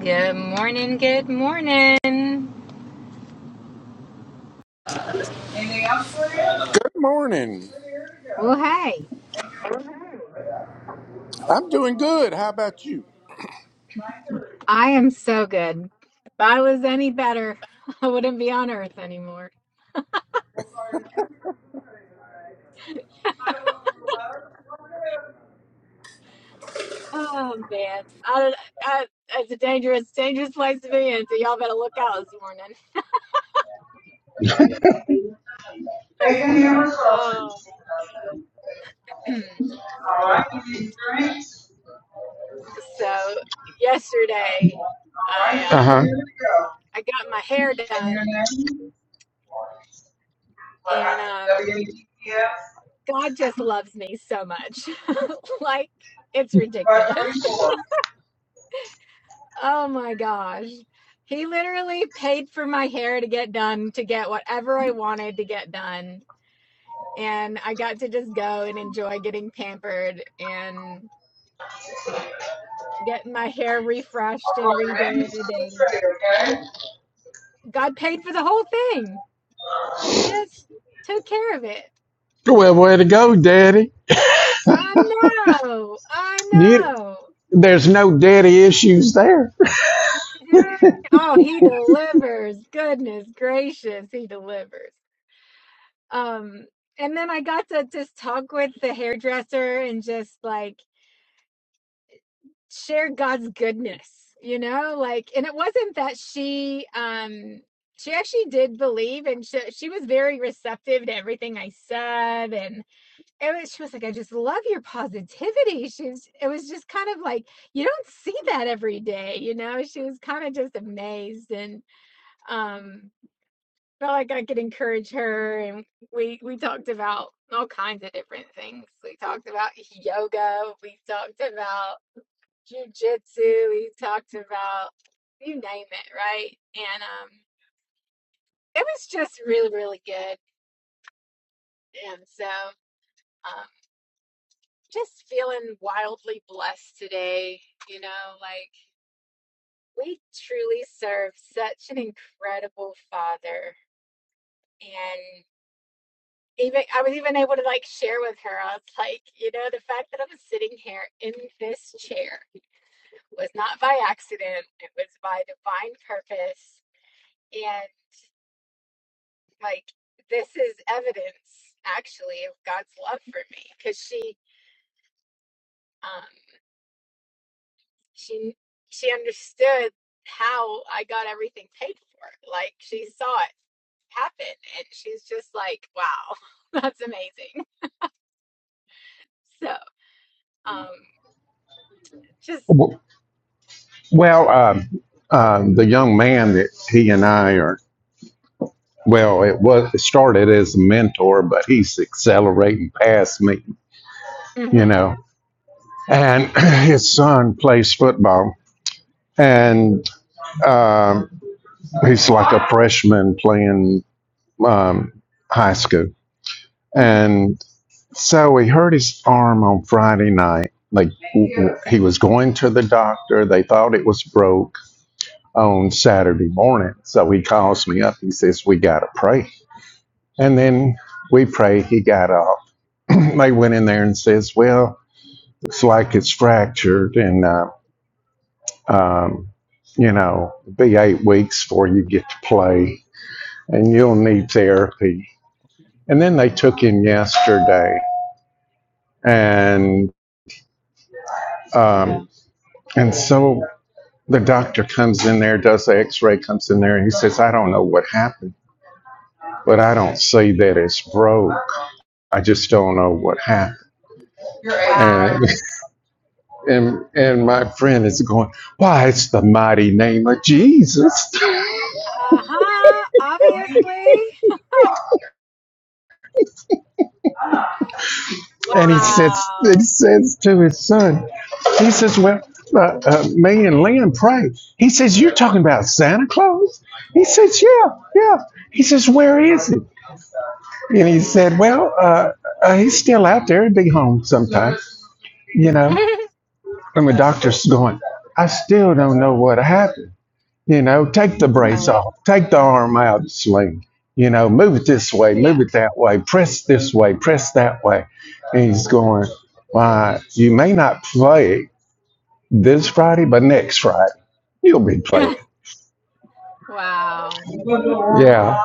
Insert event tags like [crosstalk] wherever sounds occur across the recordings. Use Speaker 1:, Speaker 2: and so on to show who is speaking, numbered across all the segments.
Speaker 1: Good morning. Good morning.
Speaker 2: Morning.
Speaker 1: Well, hey,
Speaker 2: I'm doing good. How about you?
Speaker 1: I am so good. If I was any better, [laughs] I wouldn't be on Earth anymore. Oh man, I, I, it's a dangerous, dangerous place to be in. So y'all better look out this morning. Oh, [clears throat] so yesterday, I
Speaker 2: Uh
Speaker 1: um,
Speaker 2: huh.
Speaker 1: I got my hair done, and um, God just loves me so much. [laughs] Like it's ridiculous. Oh my gosh. He literally paid for my hair to get done, to get whatever I wanted to get done. And I got to just go and enjoy getting pampered and getting my hair refreshed and redid. And God paid for the whole thing. Just took care of it.
Speaker 2: Well, way to go, Daddy.
Speaker 1: I know. I
Speaker 2: You-
Speaker 1: know.
Speaker 2: There's no daddy issues there.
Speaker 1: [laughs] Oh, he delivers. Goodness gracious, he delivers. um and then i got to just talk with the hairdresser and just like share god's goodness you know like and it wasn't that she um she actually did believe and she, she was very receptive to everything i said and it was she was like i just love your positivity she's it was just kind of like you don't see that every day you know she was kind of just amazed and um felt like I could encourage her, and we we talked about all kinds of different things. We talked about yoga. We talked about jujitsu. We talked about you name it, right? And um, it was just really really good. And so um, just feeling wildly blessed today. You know, like we truly serve such an incredible Father, and. even I was even able to like share with her. I was like, you know, the fact that I'm sitting here in this chair was not by accident. It was by divine purpose. And like this is evidence actually of God's love for me. Cause she um she she understood how I got everything paid for. Like she saw it happen and she's just like, wow, [laughs] that's amazing. So um just
Speaker 2: W- Well, um, um, the young man that he and I are, well, it was it started as a mentor, but he's accelerating past me, you
Speaker 1: mhm,
Speaker 2: know. And [clears throat] his son plays football, and um, he's like a freshman playing um, high school.
Speaker 1: mhm.
Speaker 2: and. So he hurt his arm on Friday night. Like he was going to the doctor. They thought it was broke on Saturday morning. So he calls me up. He says, We got to pray. And then we pray. He got up. [clears throat] they went in there and says, Well, looks like it's fractured. And, uh, um, you know, it'll be eight weeks before you get to play and you'll need therapy. And then they took him yesterday. And um, and so The doctor comes in there, does the x ray, comes in there, and he says, I don't know what happened, but I don't say that it's broke. I just don't know what happened.
Speaker 1: Wow.
Speaker 2: And, [laughs] and, and my friend is going, Why, it's the mighty name of Jesus.
Speaker 1: Uh huh. Obviously.
Speaker 2: And he says, he
Speaker 1: Wow.
Speaker 2: says to his son, He says, Well, uh, uh, May and Lynn pray. He says, You're talking about Santa Claus? He says, Yeah, yeah. He says, Where is he? And he said, Well, uh, uh, he's still out there at Big Home sometimes, you know.
Speaker 1: [laughs]
Speaker 2: And the doctor's going, I still don't know what happened. You know, take the brace
Speaker 1: right.
Speaker 2: off, take the arm out of the sling, you know, move it this way, move it
Speaker 1: Yeah.
Speaker 2: that way, press this way, press that way. And he's going, Why, you may not play this Friday, but next Friday, you'll be playing.
Speaker 1: [laughs] wow.
Speaker 2: Yeah.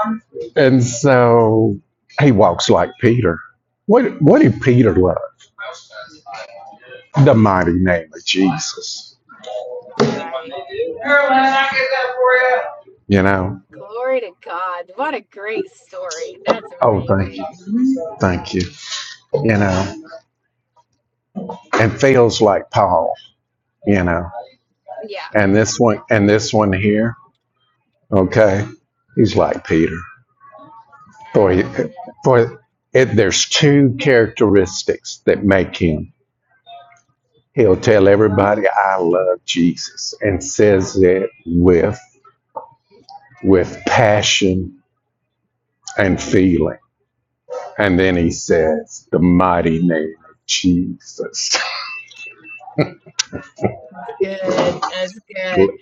Speaker 2: And so he walks like Peter. What what did Peter love? the mighty name of Jesus.
Speaker 1: That's right.
Speaker 2: You know,
Speaker 1: Glory to God. What a great story. That's
Speaker 2: oh,
Speaker 1: amazing.
Speaker 2: thank you, thank you. You know, and feels like Paul. You know,
Speaker 1: Yeah.
Speaker 2: and this one and this one here. Okay, he's like Peter. For he- for it, there's two characteristics that make him. He'll tell everybody I love Jesus and says it with with passion and feeling. And then he says the mighty name of Jesus.
Speaker 1: Mm, Good. That's good.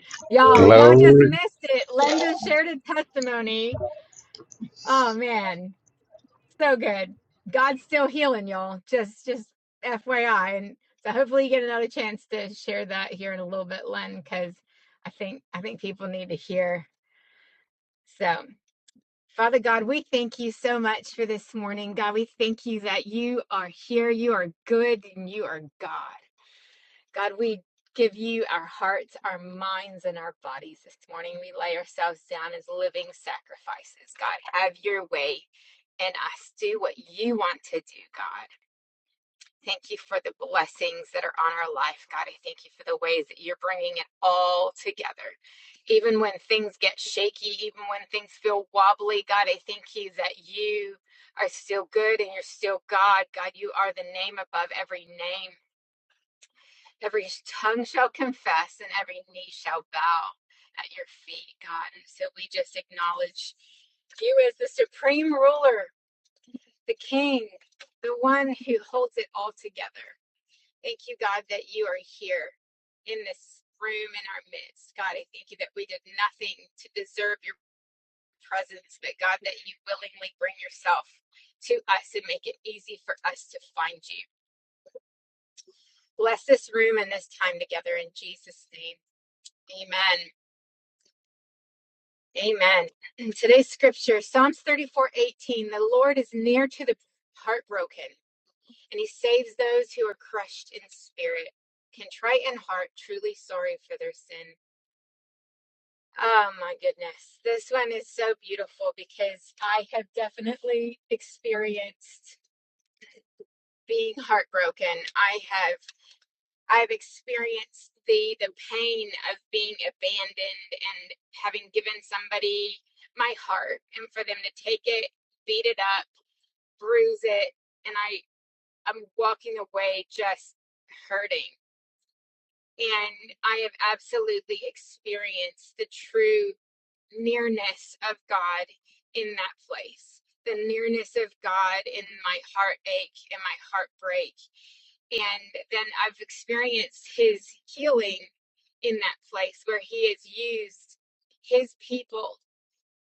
Speaker 2: [laughs]
Speaker 1: Y'all, y'all just
Speaker 2: Glory
Speaker 1: missed it. Len just shared a testimony. Oh man. so good. God's still healing y'all. Just just FYI. And so hopefully you get another chance to share that here in a little bit, Len, because I think I think people need to hear. So Father God, we thank you so much for this morning. God, we thank you that you are here. You are good and you are God. God, we give you our hearts, our minds, and our bodies this morning. We lay ourselves down as living sacrifices. God, have your way in us. Do what you want to do, God. Thank you for the blessings that are on our life, God. I thank you for the ways that you're bringing it all together. Even when things get shaky, even when things feel wobbly, God, I thank you that you are still good and you're still God. God, you are the name above every name. Every tongue shall confess and every knee shall bow at your feet, God. And so we just acknowledge you as the supreme ruler, the king, the one who holds it all together. Thank you, God, that you are here in this room in our midst. God, I thank you that we did nothing to deserve your presence, but God, that you willingly bring yourself to us and make it easy for us to find you. Bless this room and this time together in Jesus' name. Amen. Amen. [clears throat] In today's scripture, Psalms 34 18: the Lord is near to the heartbroken, and he saves those who are crushed in spirit, contrite in heart, truly sorry for their sin. Oh my goodness. This one is so beautiful because I have definitely experienced being heartbroken. I have I've experienced the the pain of being abandoned and having given somebody my heart and for them to take it, beat it up, bruise it, and I I'm walking away just hurting. And I have absolutely experienced the true nearness of God in that place, the nearness of God in my heartache and my heartbreak. And then I've experienced His healing in that place where He has used His people,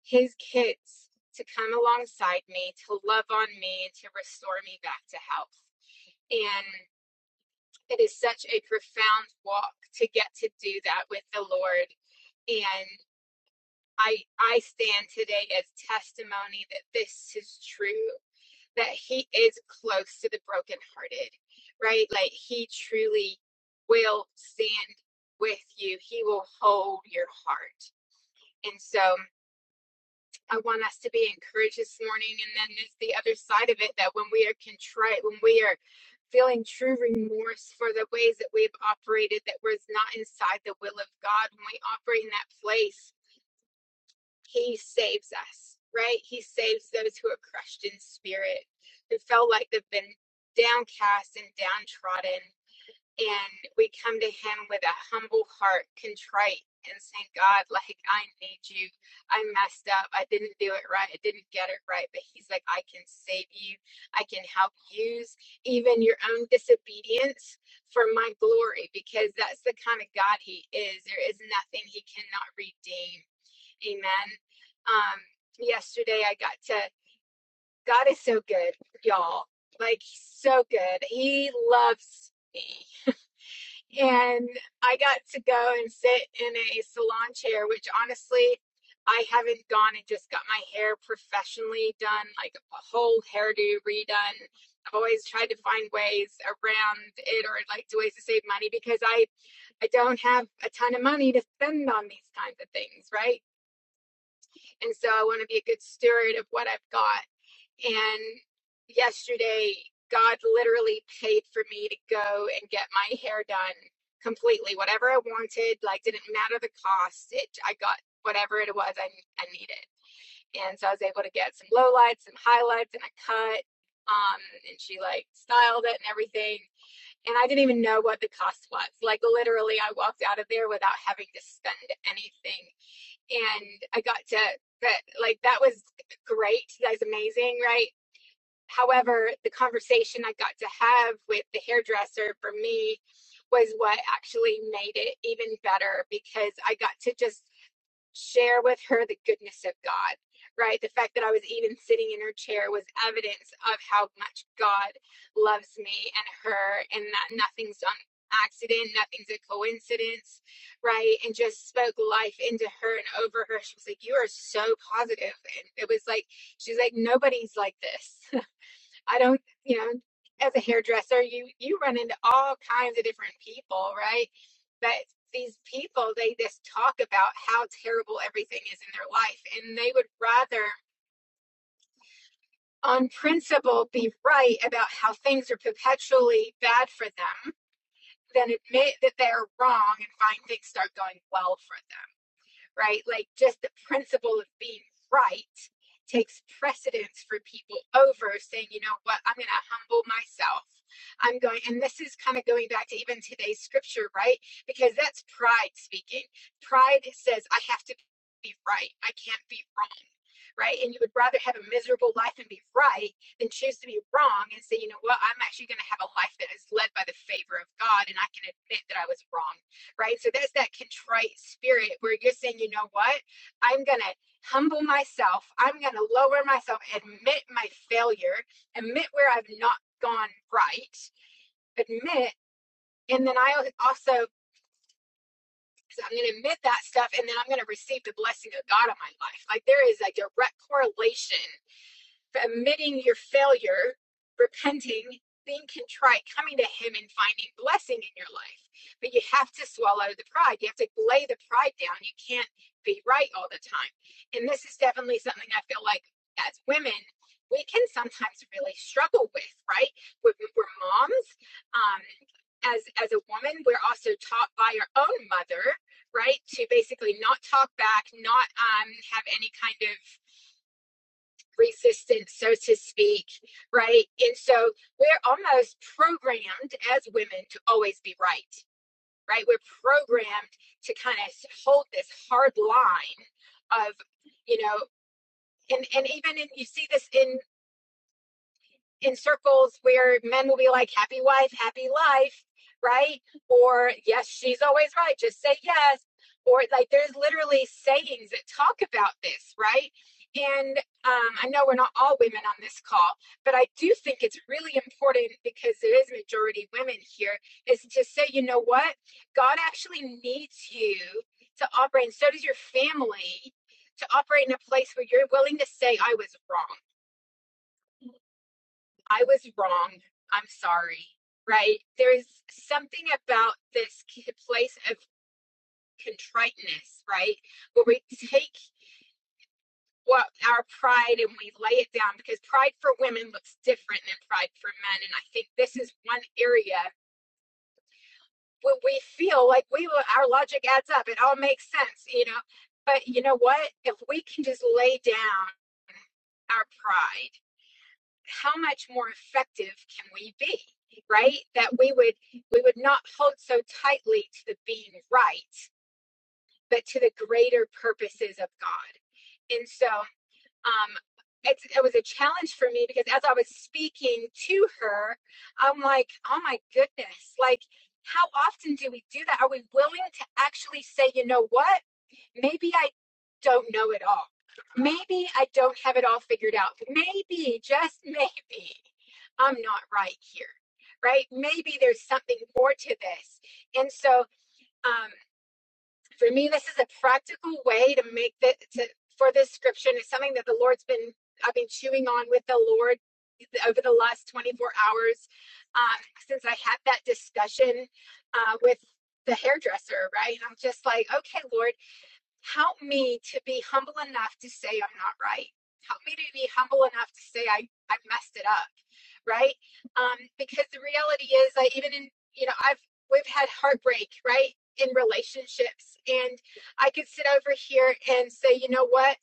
Speaker 1: His kids, to come alongside me, to love on me, and to restore me back to health. And it is such a profound walk to get to do that with the Lord and. I I stand today as testimony that this is true, that he is close to the brokenhearted, right? Like he truly will stand with you. He will hold your heart. And so I want us to be encouraged this morning. And then there's the other side of it that when we are contrite, when we are feeling true remorse for the ways that we've operated that was not inside the will of God, when we operate in that place he saves us, right? He saves those who are crushed in spirit, who felt like they've been downcast and downtrodden. And we come to him with a humble heart, contrite, and saying, God, like, I need you. I messed up. I didn't do it right. I didn't get it right. But he's like, I can save you. I can help use even your own disobedience for my glory, because that's the kind of God he is. There is nothing he cannot redeem Amen. Um, yesterday I got to, God is so good, y'all. Like, so good. He loves me. And I got to go and sit in a salon chair, which honestly, I haven't gone and just got my hair professionally done, like a whole hairdo redone. I've always tried to find ways around it or like ways to save money because I I don't have a ton of money to spend on these kinds of things, right? And so I want to be a good steward of what I've got. And yesterday, God literally paid for me to go and get my hair done completely, whatever I wanted, like didn't matter the cost. It I got whatever it was I, I needed. And so I was able to get some lowlights, some highlights, and a cut. Um, and she like styled it and everything. And I didn't even know what the cost was. Like literally I walked out of there without having to spend anything and I got to that like that was great. That's amazing, right? However, the conversation I got to have with the hairdresser for me was what actually made it even better because I got to just share with her the goodness of God, right? The fact that I was even sitting in her chair was evidence of how much God loves me and her, and that nothing's done accident, nothing's a coincidence, right? And just spoke life into her and over her. She was like, You are so positive. And it was like, She's like, Nobody's like this. I don't, you know, as a hairdresser, you you run into all kinds of different people, right? But these people, they just talk about how terrible everything is in their life, and they would rather, on principle, be right about how things are perpetually bad for them than admit that they're wrong and find things start going well for them. right? Like just the principle of being right takes precedence for people over saying, you know what, I'm going to humble myself. I'm going, and this is kind of going back to even today's scripture, right? Because that's pride speaking. Pride says, I have to be right, I can't be wrong. Right. And you would rather have a miserable life and be right than choose to be wrong and say, you know what, I'm actually going to have a life that is led by the favor of God. And I can admit that I was wrong right? So that's that contrite spirit where you're saying, you know what? I'm going to humble myself. I'm going to lower myself, admit my failure, admit where I've not gone right, admit. And then I al- also, so I'm going to admit that stuff and then I'm going to receive the blessing of God on my life. Like there is a direct correlation admitting your failure, repenting, being contrite, coming to Him and finding blessing in your life. But you have to swallow the pride. You have to lay the pride down. You can't be right all the time. And this is definitely something I feel like as women, we can sometimes really struggle with, right? We're, we're moms. Um, as, as a woman, we're also taught by our own mother, right, to basically not talk back, not um, have any kind of resistance, so to speak, right? And so we're almost programmed as women to always be right, right? We're programmed to kind of hold this hard line of, you know, and, and even in, you see this in in circles where men will be like, happy wife, happy life, right? Or, yes, she's always right, just say yes. Or, like, there's literally sayings that talk about this, right? And um, I know we're not all women on this call, but I do think it's really important because there is majority women here, is to say, you know what? God actually needs you to operate, and so does your family, to operate in a place where you're willing to say, I was wrong I was wrong. I'm sorry. Right? There's something about this place of contriteness, right? Where we take what our pride and we lay it down because pride for women looks different than pride for men. And I think this is one area where we feel like we our logic adds up. It all makes sense, you know. But you know what? If we can just lay down our pride how much more effective can we be right that we would we would not hold so tightly to the being right but to the greater purposes of god and so um it's, it was a challenge for me because as i was speaking to her i'm like oh my goodness like how often do we do that are we willing to actually say you know what Maybe I don't know it all. Maybe I don't have it all figured out. Maybe, just maybe, I'm not right here, right? Maybe there's something more to this. And so, um, for me, this is a practical way to make the to, for this scripture. And it's something that the Lord's been, I've been chewing on with the Lord over the last 24 hours um, since I had that discussion uh, with the hairdresser, right? And I'm just like, okay, Lord help me to be humble enough to say I'm not right. Help me to be humble enough to say I, I messed it up, right? Um, because the reality is, I even in you know I've we've had heartbreak, right, in relationships, and I could sit over here and say, you know what,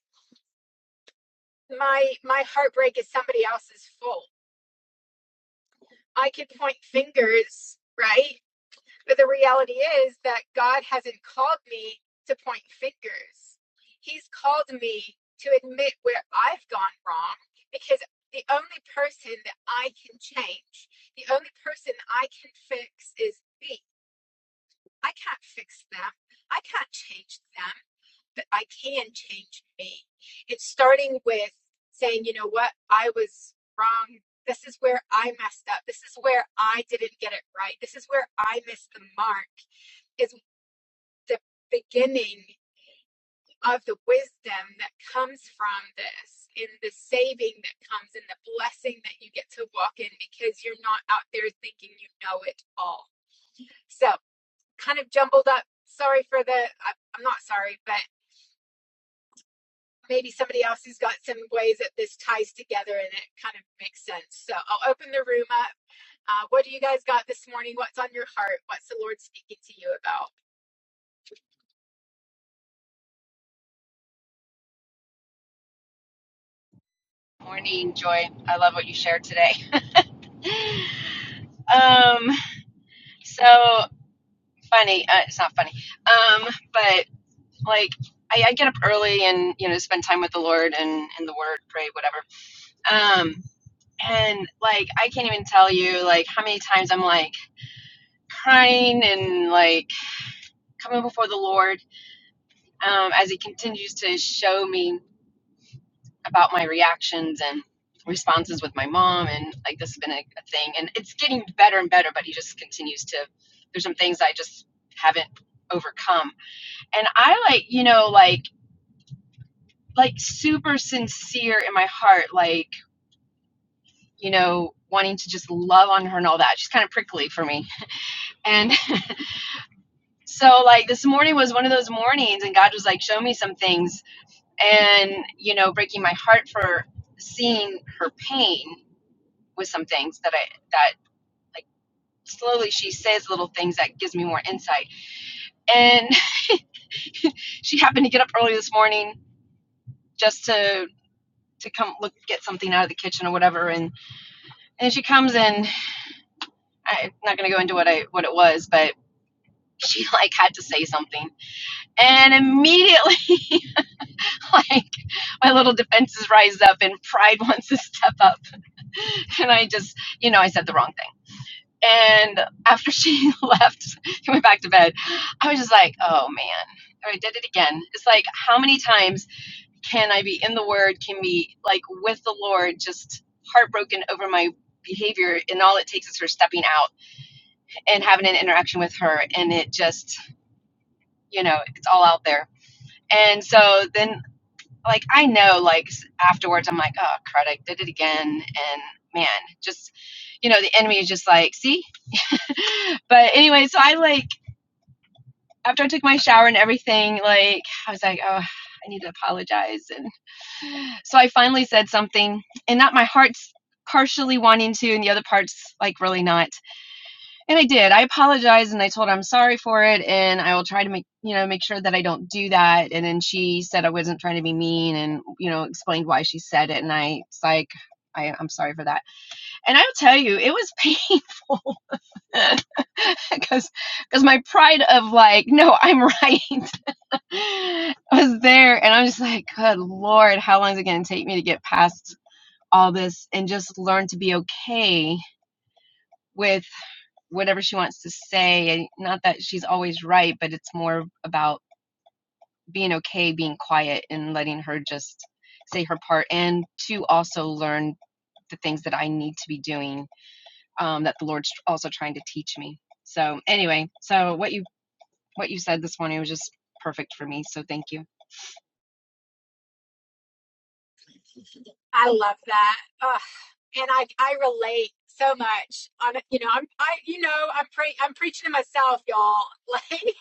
Speaker 1: my my heartbreak is somebody else's fault. I could point fingers, right? But the reality is that God hasn't called me to point fingers. He's called me to admit where I've gone wrong because the only person that I can change, the only person I can fix is me. I can't fix them. I can't change them but I can change me. It's starting with saying, you know what, I was wrong. This is where I messed up. This is where I didn't get it right. This is where I missed the mark is the beginning of the wisdom that comes from this and the saving that comes and the blessing that you get to walk in because you're not out there thinking you know it all. So, kind of jumbled up. Sorry for the, I- am not sorry, but maybe somebody else has got some ways that this ties together and it kind of makes sense. So, I'll open the room up. Uh, what do you guys got this morning? What's on your heart? What's the Lord speaking to you about?
Speaker 3: Morning, Joy. I love what you shared today. Um, so funny. Uh, it's not funny. Um, but like I, I get up early and you know spend time with the Lord and in the Word, pray, whatever. Um, and like I can't even tell you like how many times I'm like crying and like coming before the Lord um, as He continues to show me about my reactions and responses with my mom and like this has been a, a thing and it's getting better and better but he just continues to there's some things i just haven't overcome and i like you know like like super sincere in my heart like you know wanting to just love on her and all that she's kind of prickly for me and [laughs] so like this morning was one of those mornings and god was like show me some things and you know breaking my heart for seeing her pain with some things that i that like slowly she says little things that gives me more insight. And [laughs] she happened to get up early this morning just to to come look get something out of the kitchen or whatever and and she comes in I'm not going to go into what I what it was but [laughs] she like had to say something and immediately [laughs] like my little defenses rise up and pride [laughs] wants to step up and I just you know I said the wrong thing and after [laughs] she left she went back to bed I was just like oh man I did it again it's like how many times can I be in the Word? Can be like with the Lord, just heartbroken over my behavior, and all it takes is her stepping out and having an interaction with her, and it just, you know, it's all out there. And so then, like, I know, like afterwards, I'm like, oh crud, I did it again, and man, just, you know, the enemy is just like, see. [laughs] but anyway, so I like after I took my shower and everything, like I was like, oh, I need to apologize, and. So I finally said something, and not my heart's partially wanting to, and the other part's like really not. And I did. I apologized and I told her I'm sorry for it, and I will try to make you know make sure that I don't do that. And then she said I wasn't trying to be mean, and you know explained why she said it. And I it's like. I, I'm sorry for that. And I'll tell you, it was painful because [laughs] because my pride of like, no, I'm right [laughs] was there. And I'm just like, good Lord, how long is it going to take me to get past all this and just learn to be okay with whatever she wants to say. And not that she's always right, but it's more about being okay, being quiet, and letting her just say her part. And to also learn the things that I need to be doing um, that the Lord's also trying to teach me. So anyway, so what you what you said this morning was just perfect for me. So thank you.
Speaker 1: I love that. Oh, and I I relate so much on you know I'm I you know I'm pre- I'm preaching to myself y'all [laughs] like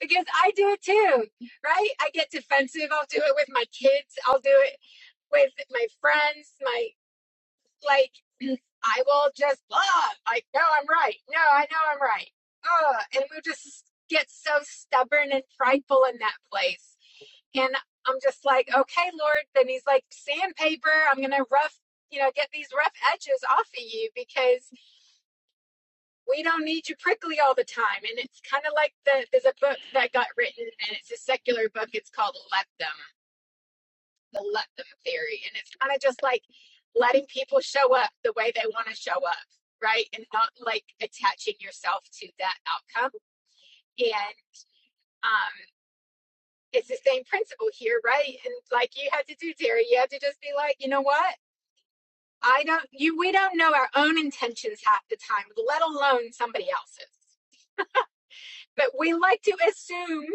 Speaker 1: because I do it too right I get defensive I'll do it with my kids I'll do it with my friends my like [clears throat] I will just blah like no I'm right no I know I'm right uh, and we just get so stubborn and prideful in that place and I'm just like, okay, Lord. Then he's like, sandpaper, I'm going to rough, you know, get these rough edges off of you because we don't need you prickly all the time. And it's kind of like the, there's a book that got written and it's a secular book. It's called Let Them, the Let Them Theory. And it's kind of just like letting people show up the way they want to show up, right? And not like attaching yourself to that outcome. And um, it's the same principle here, right? And like you had to do, Terry, you had to just be like, you know what? I don't you we don't know our own intentions half the time, let alone somebody else's. But we like to assume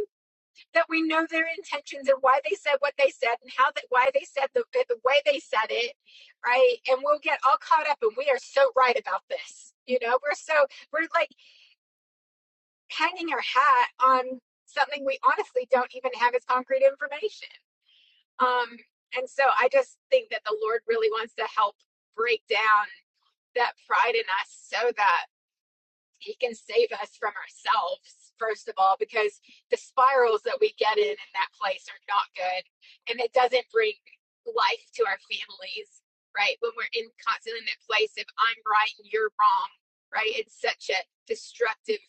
Speaker 1: that we know their intentions and why they said what they said and how that why they said the the way they said it, right? And we'll get all caught up and we are so right about this. You know, we're so we're like hanging our hat on something we honestly don't even have as concrete information. Um and so I just think that the Lord really wants to help break down that pride in us so that he can save us from ourselves first of all because the spirals that we get in in that place are not good and it doesn't bring life to our families right when we're in constantly in that place if i'm right and you're wrong right it's such a destructive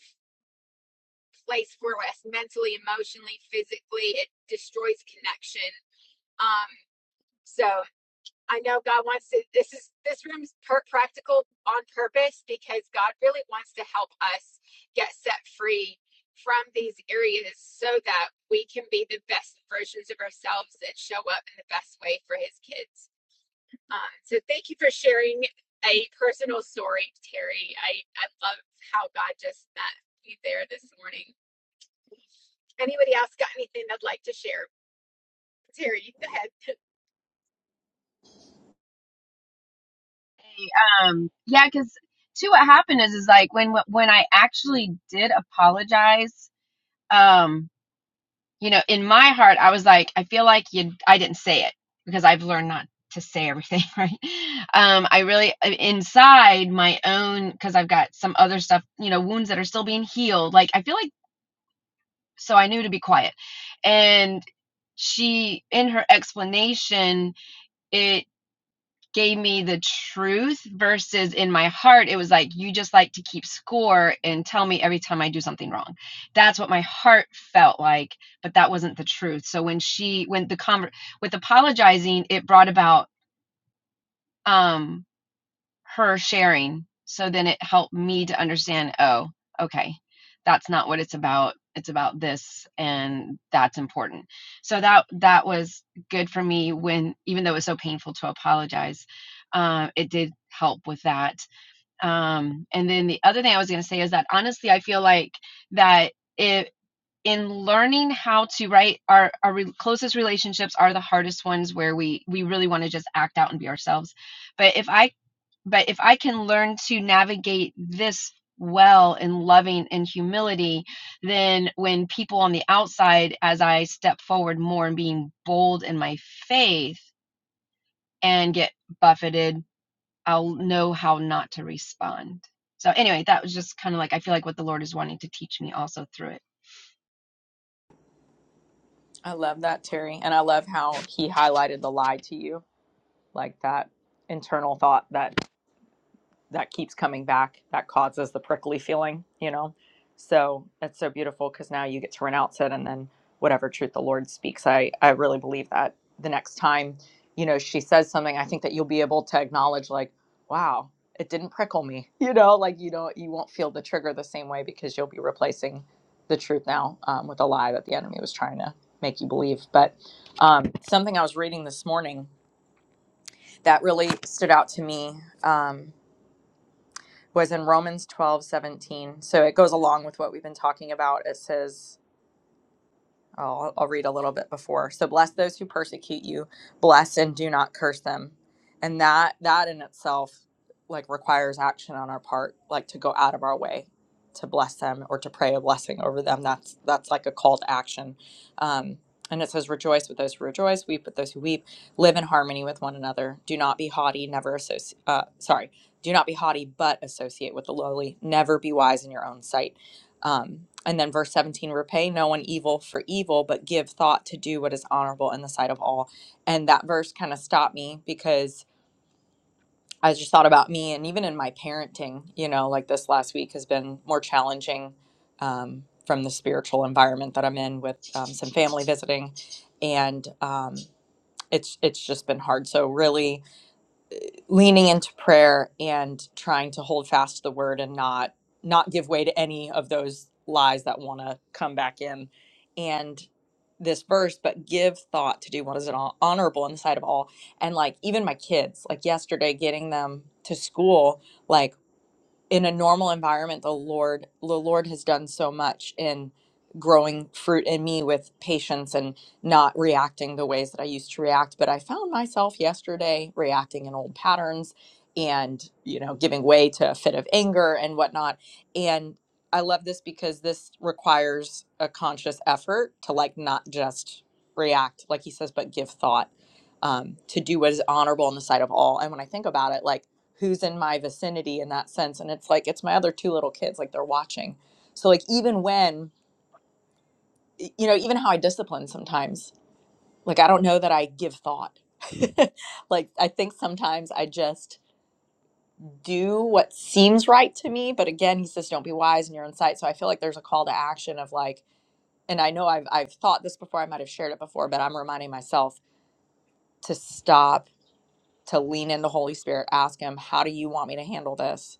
Speaker 1: place for us mentally emotionally physically it destroys connection um so I know God wants to. This is this room's per- practical on purpose because God really wants to help us get set free from these areas so that we can be the best versions of ourselves and show up in the best way for His kids. Um, so thank you for sharing a personal story, Terry. I I love how God just met you there this morning. Anybody else got anything they'd like to share? Terry, go ahead.
Speaker 3: Um, yeah, because too, what happened is is like when when I actually did apologize. Um, you know, in my heart, I was like, I feel like you, I didn't say it because I've learned not to say [laughs] everything, right? Um, I really, uh, inside my own, because I've got some other stuff, you know, wounds that are still being healed. Like, I feel like, so I knew to be quiet. And she, in her explanation, it gave me the truth versus in my heart it was like you just like to keep score and tell me every time i do something wrong that's what my heart felt like but that wasn't the truth so when she when the conver- with apologizing it brought about um, her sharing. So then it helped me to understand, oh, okay, that's not what it's about. It's about this and that's important. So that that was good for me when even though it was so painful to apologize, um, it did help with that. Um, and then the other thing I was gonna say is that honestly I feel like that it in learning how to right our, our re- closest relationships are the hardest ones where we we really want to just act out and be ourselves but if i but if I can learn to navigate this well in loving and humility, then when people on the outside, as I step forward more and being bold in my faith and get buffeted, I'll know how not to respond. So, anyway, that was just kind of like I feel like what the Lord is wanting to teach me also through it.
Speaker 4: I love that, Terry. And I love how he highlighted the lie to you, like that internal thought that that keeps coming back that causes the prickly feeling you know so it's so beautiful because now you get to renounce it and then whatever truth the lord speaks i i really believe that the next time you know she says something i think that you'll be able to acknowledge like wow it didn't prickle me [laughs] you know like you don't you won't feel the trigger the same way because you'll be replacing the truth now um, with a lie that the enemy was trying to make you believe but um, something i was reading this morning that really stood out to me um, was in Romans 12 17, So it goes along with what we've been talking about. It says, I'll, I'll read a little bit before. So bless those who persecute you, bless and do not curse them. And that that in itself like requires action on our part, like to go out of our way to bless them or to pray a blessing over them. That's that's like a call to action. Um, and it says, "Rejoice with those who rejoice, weep with those who weep, live in harmony with one another. Do not be haughty, never associate. Uh, sorry, do not be haughty, but associate with the lowly. Never be wise in your own sight." Um, and then verse 17 repay no one evil for evil, but give thought to do what is honorable in the sight of all. And that verse kind of stopped me because I just thought about me and even in my parenting, you know, like this last week has been more challenging um, from the spiritual environment that I'm in with um, some family visiting. And um, it's, it's just been hard. So, really, leaning into prayer and trying to hold fast to the word and not not give way to any of those lies that want to come back in and this verse but give thought to do what is an hon- honorable in the sight of all and like even my kids like yesterday getting them to school like in a normal environment the lord the lord has done so much in growing fruit in me with patience and not reacting the ways that i used to react but i found myself yesterday reacting in old patterns and you know giving way to a fit of anger and whatnot and i love this because this requires a conscious effort to like not just react like he says but give thought um, to do what is honorable in the sight of all and when i think about it like who's in my vicinity in that sense. And it's like, it's my other two little kids, like they're watching. So, like, even when, you know, even how I discipline sometimes, like, I don't know that I give thought. [laughs] like, I think sometimes I just do what seems right to me. But again, he says, don't be wise in your own sight. So, I feel like there's a call to action of like, and I know I've, I've thought this before, I might have shared it before, but I'm reminding myself to stop, to lean in the Holy Spirit, ask him, how do you want me to handle this?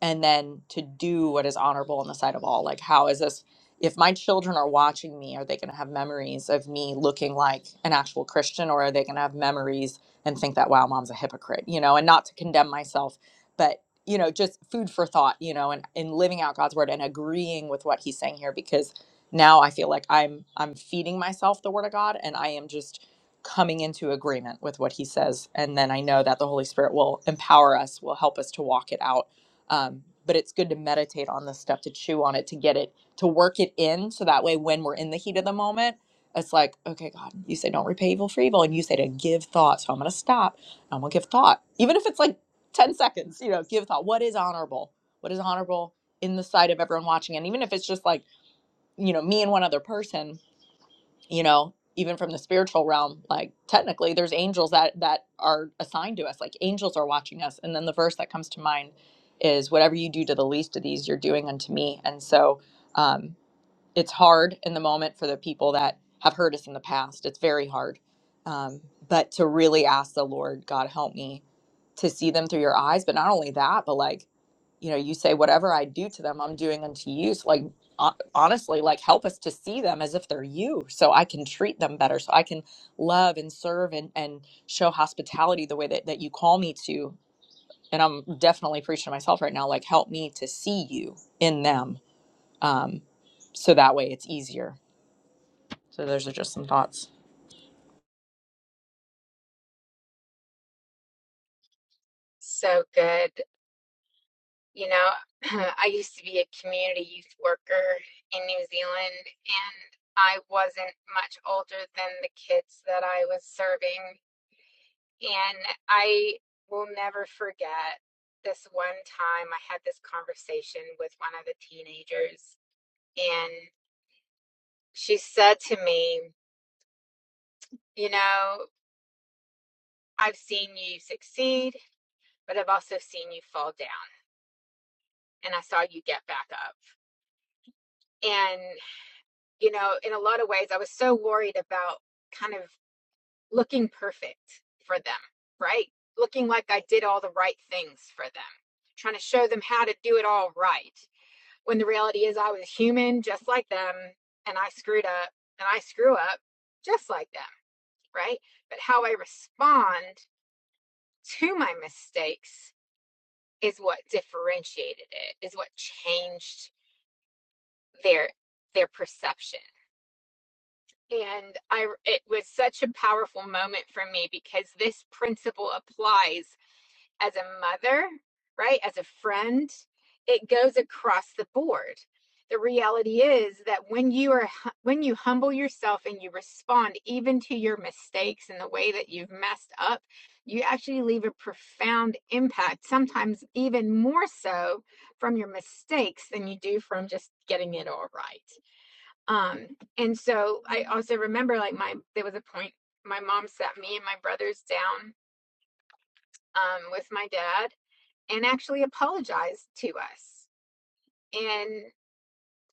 Speaker 4: and then to do what is honorable in the sight of all like how is this if my children are watching me are they going to have memories of me looking like an actual christian or are they going to have memories and think that wow mom's a hypocrite you know and not to condemn myself but you know just food for thought you know and, and living out god's word and agreeing with what he's saying here because now i feel like i'm i'm feeding myself the word of god and i am just coming into agreement with what he says and then i know that the holy spirit will empower us will help us to walk it out um, but it's good to meditate on this stuff to chew on it to get it to work it in so that way when we're in the heat of the moment it's like okay god you say don't repay evil for evil and you say to give thought so i'm going to stop i'm going to give thought even if it's like 10 seconds you know give thought what is honorable what is honorable in the sight of everyone watching and even if it's just like you know me and one other person you know even from the spiritual realm like technically there's angels that that are assigned to us like angels are watching us and then the verse that comes to mind is whatever you do to the least of these you're doing unto me and so um it's hard in the moment for the people that have hurt us in the past. It's very hard. Um, but to really ask the Lord, God, help me to see them through your eyes. But not only that, but like, you know, you say, whatever I do to them, I'm doing unto you. So, like, ho- honestly, like, help us to see them as if they're you so I can treat them better, so I can love and serve and, and show hospitality the way that, that you call me to. And I'm definitely preaching to myself right now, like, help me to see you in them um, so that way it's easier. So those are just some thoughts.
Speaker 1: So good. You know, [clears throat] I used to be a community youth worker in New Zealand, and I wasn't much older than the kids that I was serving. And I will never forget this one time I had this conversation with one of the teenagers, and she said to me, You know, I've seen you succeed, but I've also seen you fall down, and I saw you get back up. and you know, in a lot of ways, I was so worried about kind of looking perfect for them, right? Looking like I did all the right things for them, trying to show them how to do it all right. When the reality is, I was human just like them, and I screwed up, and I screw up just like them, right? But how I respond to my mistakes is what differentiated it, is what changed their their perception And I, it was such a powerful moment for me because this principle applies as a mother, right? As a friend, it goes across the board. The reality is that when you are, when you humble yourself and you respond even to your mistakes and the way that you've messed up, you actually leave a profound impact, sometimes even more so from your mistakes than you do from just getting it all right. Um, and so I also remember like my there was a point my mom sat me and my brothers down um, with my dad and actually apologized to us. And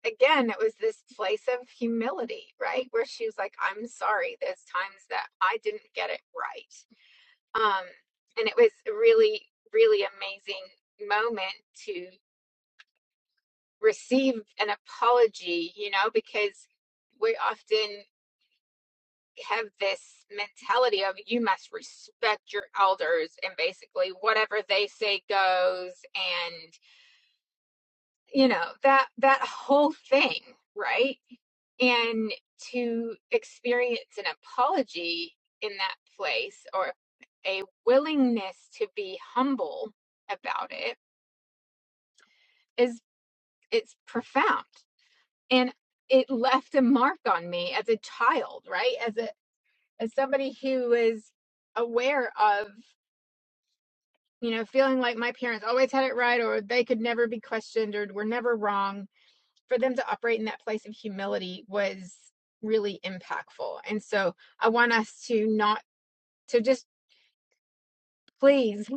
Speaker 1: again, it was this place of humility, right? Where she was like, I'm sorry, there's times that I didn't get it right. Um, and it was a really, really amazing moment to receive an apology, you know, because we often have this mentality of you must respect your elders and basically whatever they say goes and you know that that whole thing right and to experience an apology in that place or a willingness to be humble about it is it's profound and it left a mark on me as a child right as a as somebody who is aware of you know, feeling like my parents always had it right or they could never be questioned or were never wrong, for them to operate in that place of humility was really impactful. And so I want us to not, to just please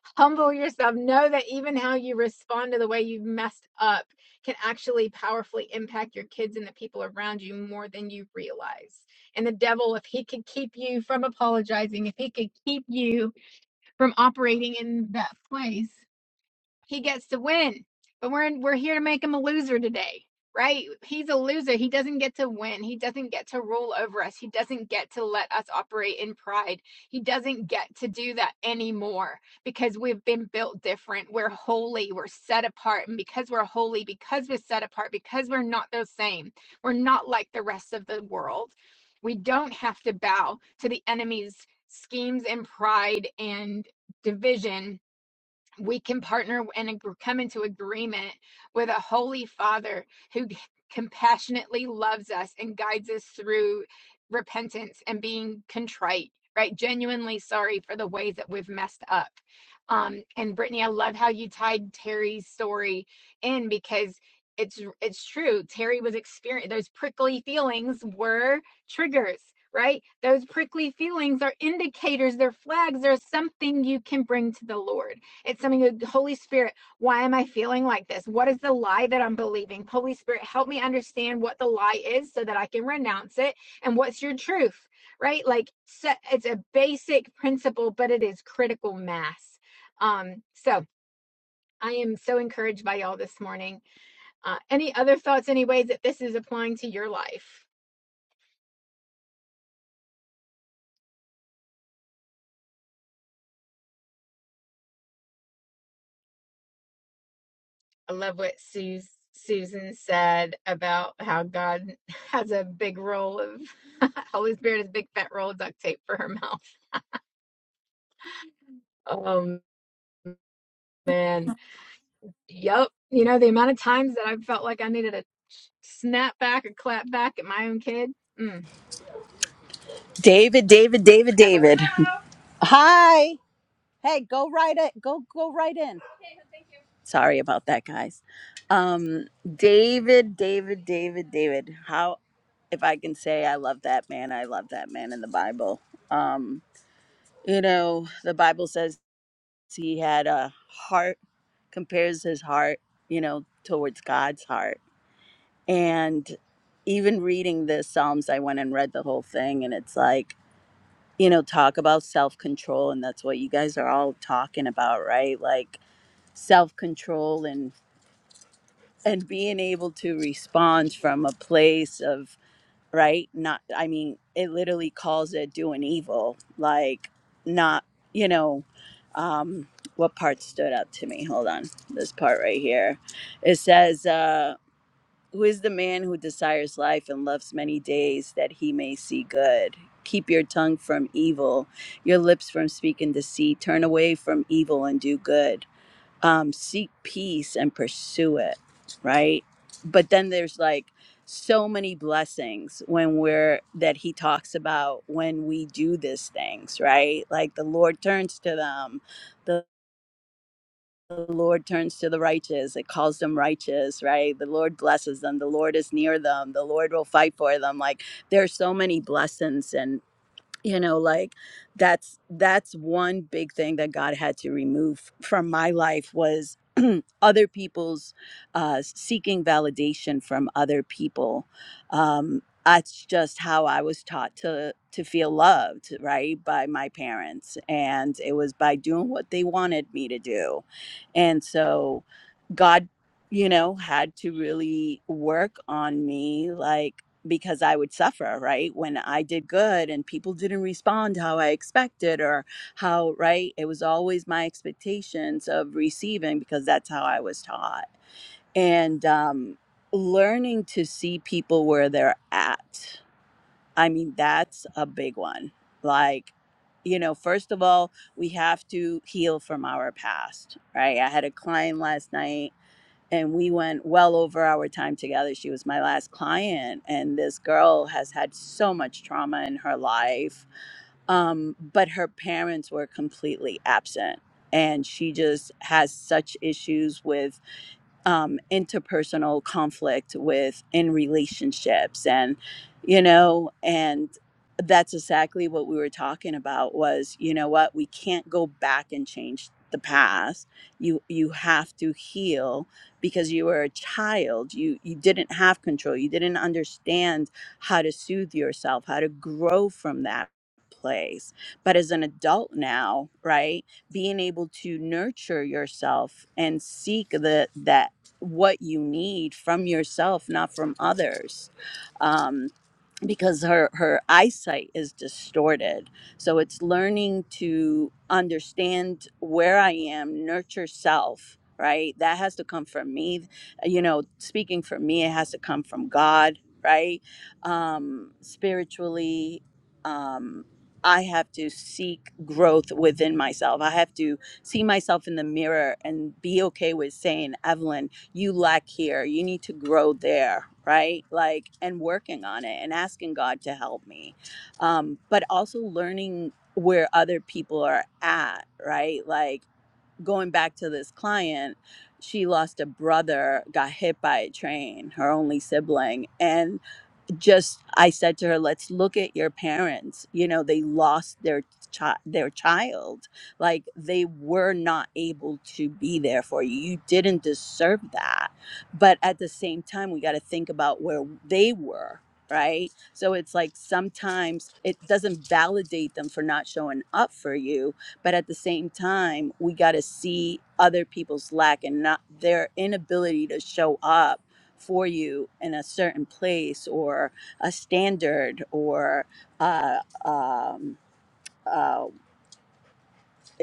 Speaker 1: [laughs] humble yourself. Know that even how you respond to the way you've messed up can actually powerfully impact your kids and the people around you more than you realize. And the devil, if he could keep you from apologizing, if he could keep you from operating in that place, he gets to win. But we're in, we're here to make him a loser today, right? He's a loser. He doesn't get to win. He doesn't get to rule over us. He doesn't get to let us operate in pride. He doesn't get to do that anymore because we've been built different. We're holy. We're set apart, and because we're holy, because we're set apart, because we're not the same, we're not like the rest of the world. We don't have to bow to the enemy's schemes and pride and division we can partner and come into agreement with a holy father who compassionately loves us and guides us through repentance and being contrite right genuinely sorry for the ways that we've messed up um and brittany i love how you tied terry's story in because it's it's true terry was experiencing those prickly feelings were triggers right those prickly feelings are indicators they're flags there's something you can bring to the lord it's something that, Holy Spirit, why am I feeling like this? What is the lie that I'm believing? Holy Spirit, help me understand what the lie is so that I can renounce it. And what's your truth, right? Like, so it's a basic principle, but it is critical mass. Um, so I am so encouraged by y'all this morning. Uh, any other thoughts, any ways that this is applying to your life? I love what Sus Susan said about how God [laughs] has a big roll of [laughs] Holy Spirit has a big fat roll of duct tape for her [laughs] mouth. Oh man. Yep. You know, the amount of times that I felt like I needed a snap back or clap back at my own kid. Mm,
Speaker 5: David, David, David,
Speaker 1: Evelyn.
Speaker 5: David. Hi. Hey, go right it. Go go right in. Sorry about that, guys. Um David, David, David, David. How if I can say I love that man, I love that man in the Bible. Um you know, the Bible says he had a heart compares his heart, you know, towards God's heart. And even reading the Psalms, I went and read the whole thing and it's like you know, talk about self control, and that's what you guys are all talking about, right? Like self control and and being able to respond from a place of right. Not, I mean, it literally calls it doing evil, like not, you know. Um, what part stood out to me? Hold on, this part right here. It says, uh, who is the man who desires life and loves many days that he may see good? Keep your tongue from evil, your lips from speaking deceit. Turn away from evil and do good. Um, seek peace and pursue it, right? But then there's like so many blessings when we're that he talks about when we do these things, right? Like the Lord turns to them the Lord turns to the righteous. It calls them righteous, right? The Lord blesses them. The Lord is near them. The Lord will fight for them. Like there's so many blessings and you know like that's that's one big thing that god had to remove from my life was [clears throat] other people's uh seeking validation from other people um that's just how i was taught to to feel loved right by my parents and it was by doing what they wanted me to do and so god you know had to really work on me like because I would suffer, right? When I did good and people didn't respond how I expected or how, right? It was always my expectations of receiving because that's how I was taught. And um, learning to see people where they're at. I mean, that's a big one. Like, you know, first of all, we have to heal from our past, right? I had a client last night and we went well over our time together. She was my last client, and this girl has had so much trauma in her life. Um, but her parents were completely absent, and she just has such issues with um, interpersonal conflict with in relationships and you know and that's exactly what we were talking about was you know what we can't go back and change the past you you have to heal because you were a child you you didn't have control you didn't understand how to soothe yourself how to grow from that place but as an adult now right being able to nurture yourself and seek the that what you need from yourself, not from others, um, because her her eyesight is distorted. So it's learning to understand where I am, nurture self. Right, that has to come from me. You know, speaking for me, it has to come from God. Right, um, spiritually. Um, I have to seek growth within myself. I have to see myself in the mirror and be okay with saying, Evelyn, you lack here. You need to grow there, right? Like, and working on it and asking God to help me. Um, but also learning where other people are at, right? Like, going back to this client, she lost a brother, got hit by a train, her only sibling. And just I said to her, let's look at your parents. You know, they lost their child their child. Like they were not able to be there for you. You didn't deserve that. But at the same time, we got to think about where they were, right? So it's like sometimes it doesn't validate them for not showing up for you, but at the same time, we got to see other people's lack and not their inability to show up for you in a certain place or a standard or uh, um, uh,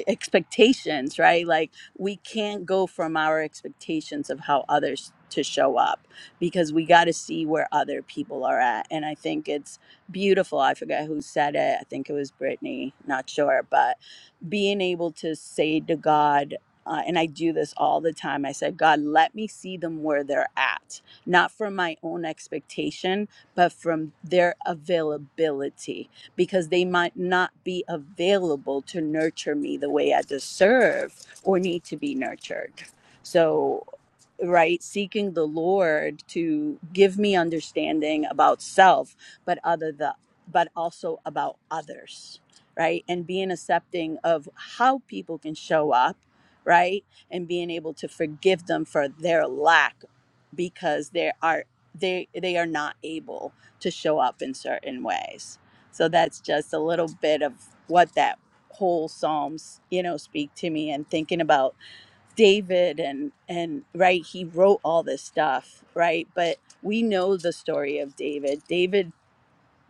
Speaker 5: expectations, right? Like we can't go from our expectations of how others to show up because we got to see where other people are at. And I think it's beautiful. I forget who said it. I think it was Brittany, not sure, but being able to say to God, uh, and I do this all the time. I said, God, let me see them where they're at, not from my own expectation, but from their availability, because they might not be available to nurture me the way I deserve or need to be nurtured. So, right, seeking the Lord to give me understanding about self, but other the, but also about others right? And being accepting of how people can show up, right? And being able to forgive them for their lack because they are they they are not able to show up in certain ways. So that's just a little bit of what that whole psalms you know speak to me and thinking about david and and right he wrote all this stuff right but we know the story of david david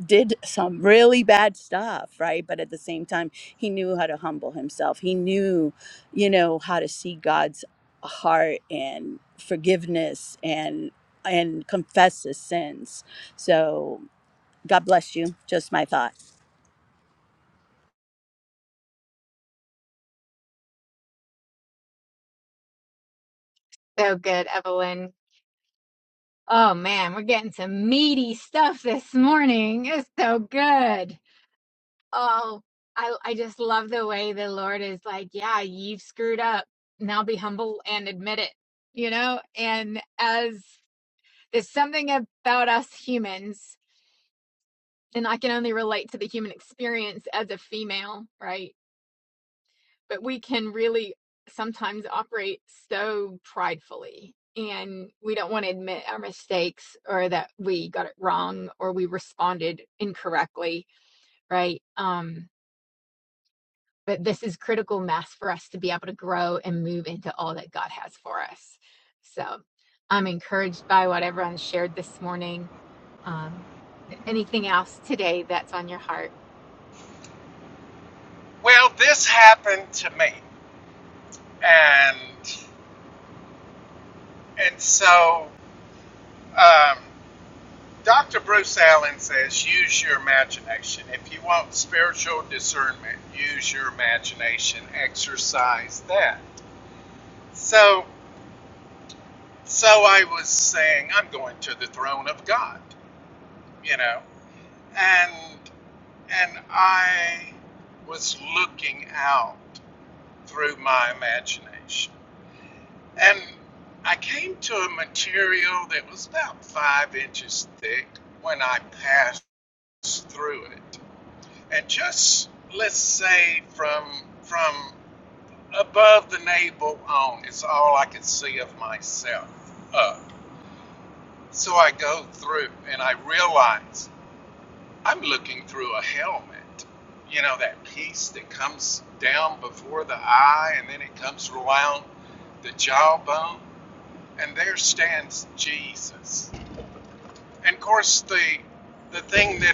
Speaker 5: did some really bad stuff, right? But at the same time, he knew how to humble himself. He knew, you know, how to see God's heart and forgiveness and and confess his sins. So God bless you. Just my thought.
Speaker 1: So good, Evelyn. Oh man, we're getting some meaty stuff this morning. It's so good. Oh, I I just love the way the Lord is like, yeah, you've screwed up. Now be humble and admit it. You know, and as there's something about us humans, and I can only relate to the human experience as a female, right? But we can really sometimes operate so pridefully and we don't want to admit our mistakes or that we got it wrong or we responded incorrectly, right? Um but this is critical mass for us to be able to grow and move into all that God has for us. So I'm encouraged by what everyone shared this morning. Um, anything else today that's on your heart?
Speaker 2: Well, this happened to me, and and so um, Dr. Bruce Allen says, use your imagination. If you want spiritual discernment, use your imagination. Exercise that. So so I was saying, I'm going to the throne of God, you know, and I was looking out through my imagination, and I came to a material that was about five inches thick when I passed through it. And just let's say from from above the navel on it's all I can see of myself up. So I go through and I realize I'm looking through a helmet. You know, that piece that comes down before the eye and then it comes around the jawbone. And there stands Jesus. And of course the the thing that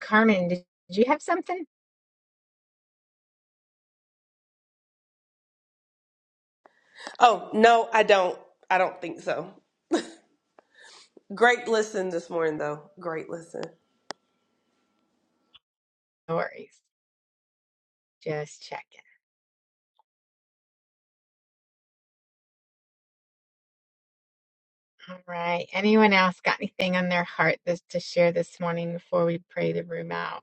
Speaker 1: Carmen, did you have something?
Speaker 6: Oh, no, I don't. I don't think so. Great listen this morning, though. Great listen.
Speaker 1: No worries. Just checking. All right. Anyone else got anything on their heart this, to share this morning before we pray the room out?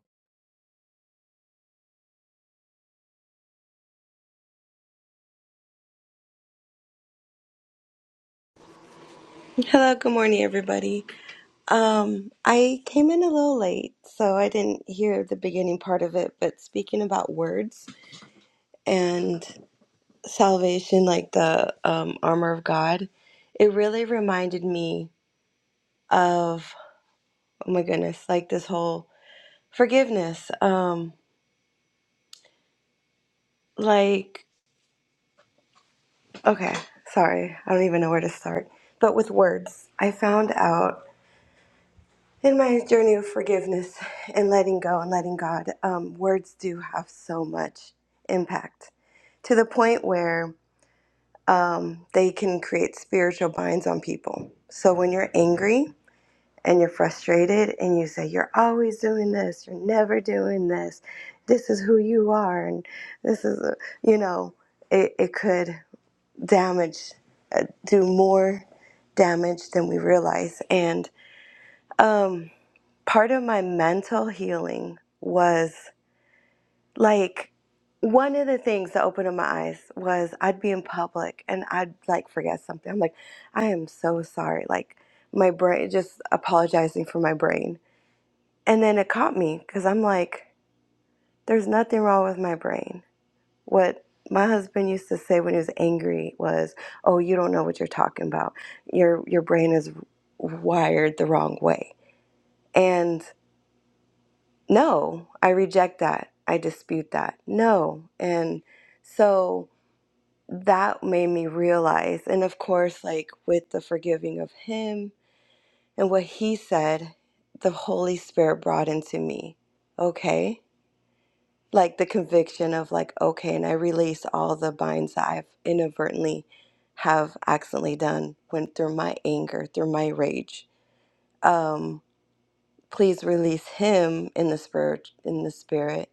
Speaker 7: Hello, good morning, everybody. Um, I came in a little late, so I didn't hear the beginning part of it, but speaking about words and salvation, like the um, armor of God, it really reminded me of, oh my goodness, like this whole forgiveness. Um, like, okay, sorry, I don't even know where to start. But with words, I found out. in my journey of forgiveness and letting go and letting God, um, words do have so much impact to the point where um, they can create spiritual binds on people. So when you're angry and you're frustrated and you say, You're always doing this, you're never doing this, this is who you are, and this is, you know, it, it could damage, uh, do more damage than we realize. And, um, part of my mental healing was like one of the things that opened up my eyes was I'd be in public and I'd like forget something. I'm like, I am so sorry. Like my brain just apologizing for my brain. And then it caught me because I'm like, there's nothing wrong with my brain. What my husband used to say when he was angry was, "Oh, you don't know what you're talking about. Your your brain is wired the wrong way." And no, I reject that. I dispute that. No. And so that made me realize. And of course, like with the forgiving of him and what he said, the Holy Spirit brought into me, okay? Like the conviction of like, okay, and I release all the binds that I've inadvertently have accidentally done when through my anger, through my rage. Um, please release him in the spirit in the spirit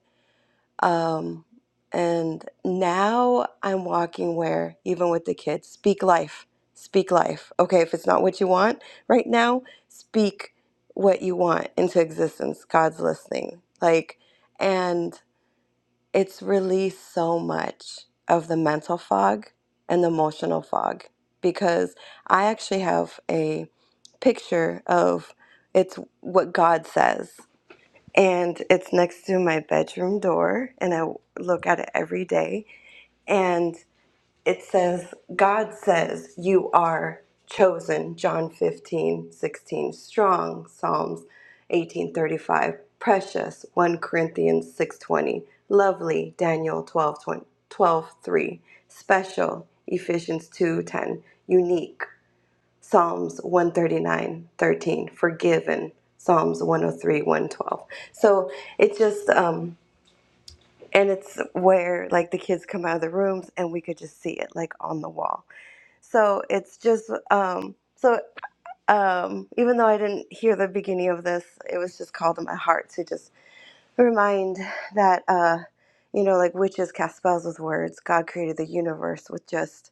Speaker 7: Um, and now I'm walking where, even with the kids, speak life, speak life. Okay, if it's not what you want right now, speak what you want into existence. God's listening. Like, and it's released so much of the mental fog and the emotional fog because I actually have a picture of it's what God says and it's next to my bedroom door and I look at it every day and it says God says you are chosen John 15 16 strong Psalms 1835 precious 1 Corinthians 620 lovely Daniel 12 three, special Ephesians 2 10 unique Psalms one thirty nine thirteen forgiven, Psalms 103, 112. So it just, um, and it's where like the kids come out of the rooms and we could just see it like on the wall. So it's just, um, so um, even though I didn't hear the beginning of this, it was just called to my heart to just remind that, uh, you know, like witches cast spells with words. God created the universe with just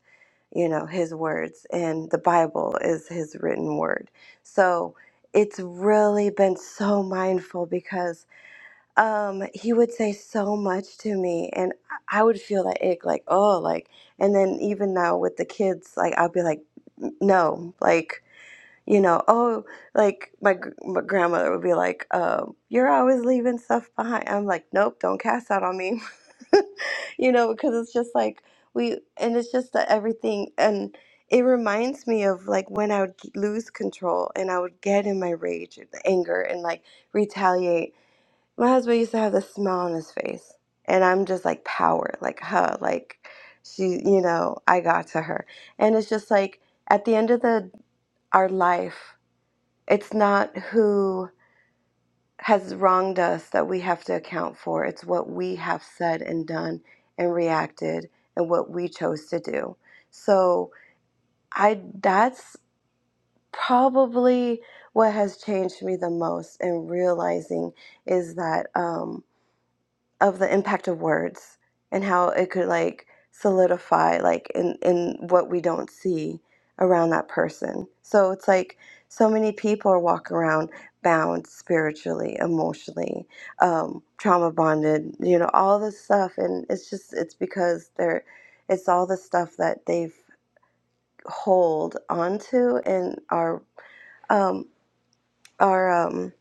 Speaker 7: you know his words and the bible is his written word so it's really been so mindful because um he would say so much to me and i I would feel that ick like oh like and then even now with the kids like i'll be like no like you know, oh, like my, gr- my grandmother would be like, um, you're always leaving stuff behind. I'm like, nope, don't cast out on me, [laughs] you know, because it's just like we, and it's just that everything, and it reminds me of like when I would g- lose control and I would get in my rage and the anger and like retaliate. My husband used to have this smile on his face, and I'm just like power, like, huh, like she, you know, I got to her. And it's just like at the end of the, our life, it's not who has wronged us that we have to account for. It's what we have said and done and reacted and what we chose to do. So I that's probably what has changed me the most in realizing is that um, of the impact of words and how it could like solidify like in in what we don't see around that person so it's like so many people are walking around bound spiritually emotionally um trauma bonded you know all this stuff and it's just it's because they're it's all the stuff that they've hold onto and are um are um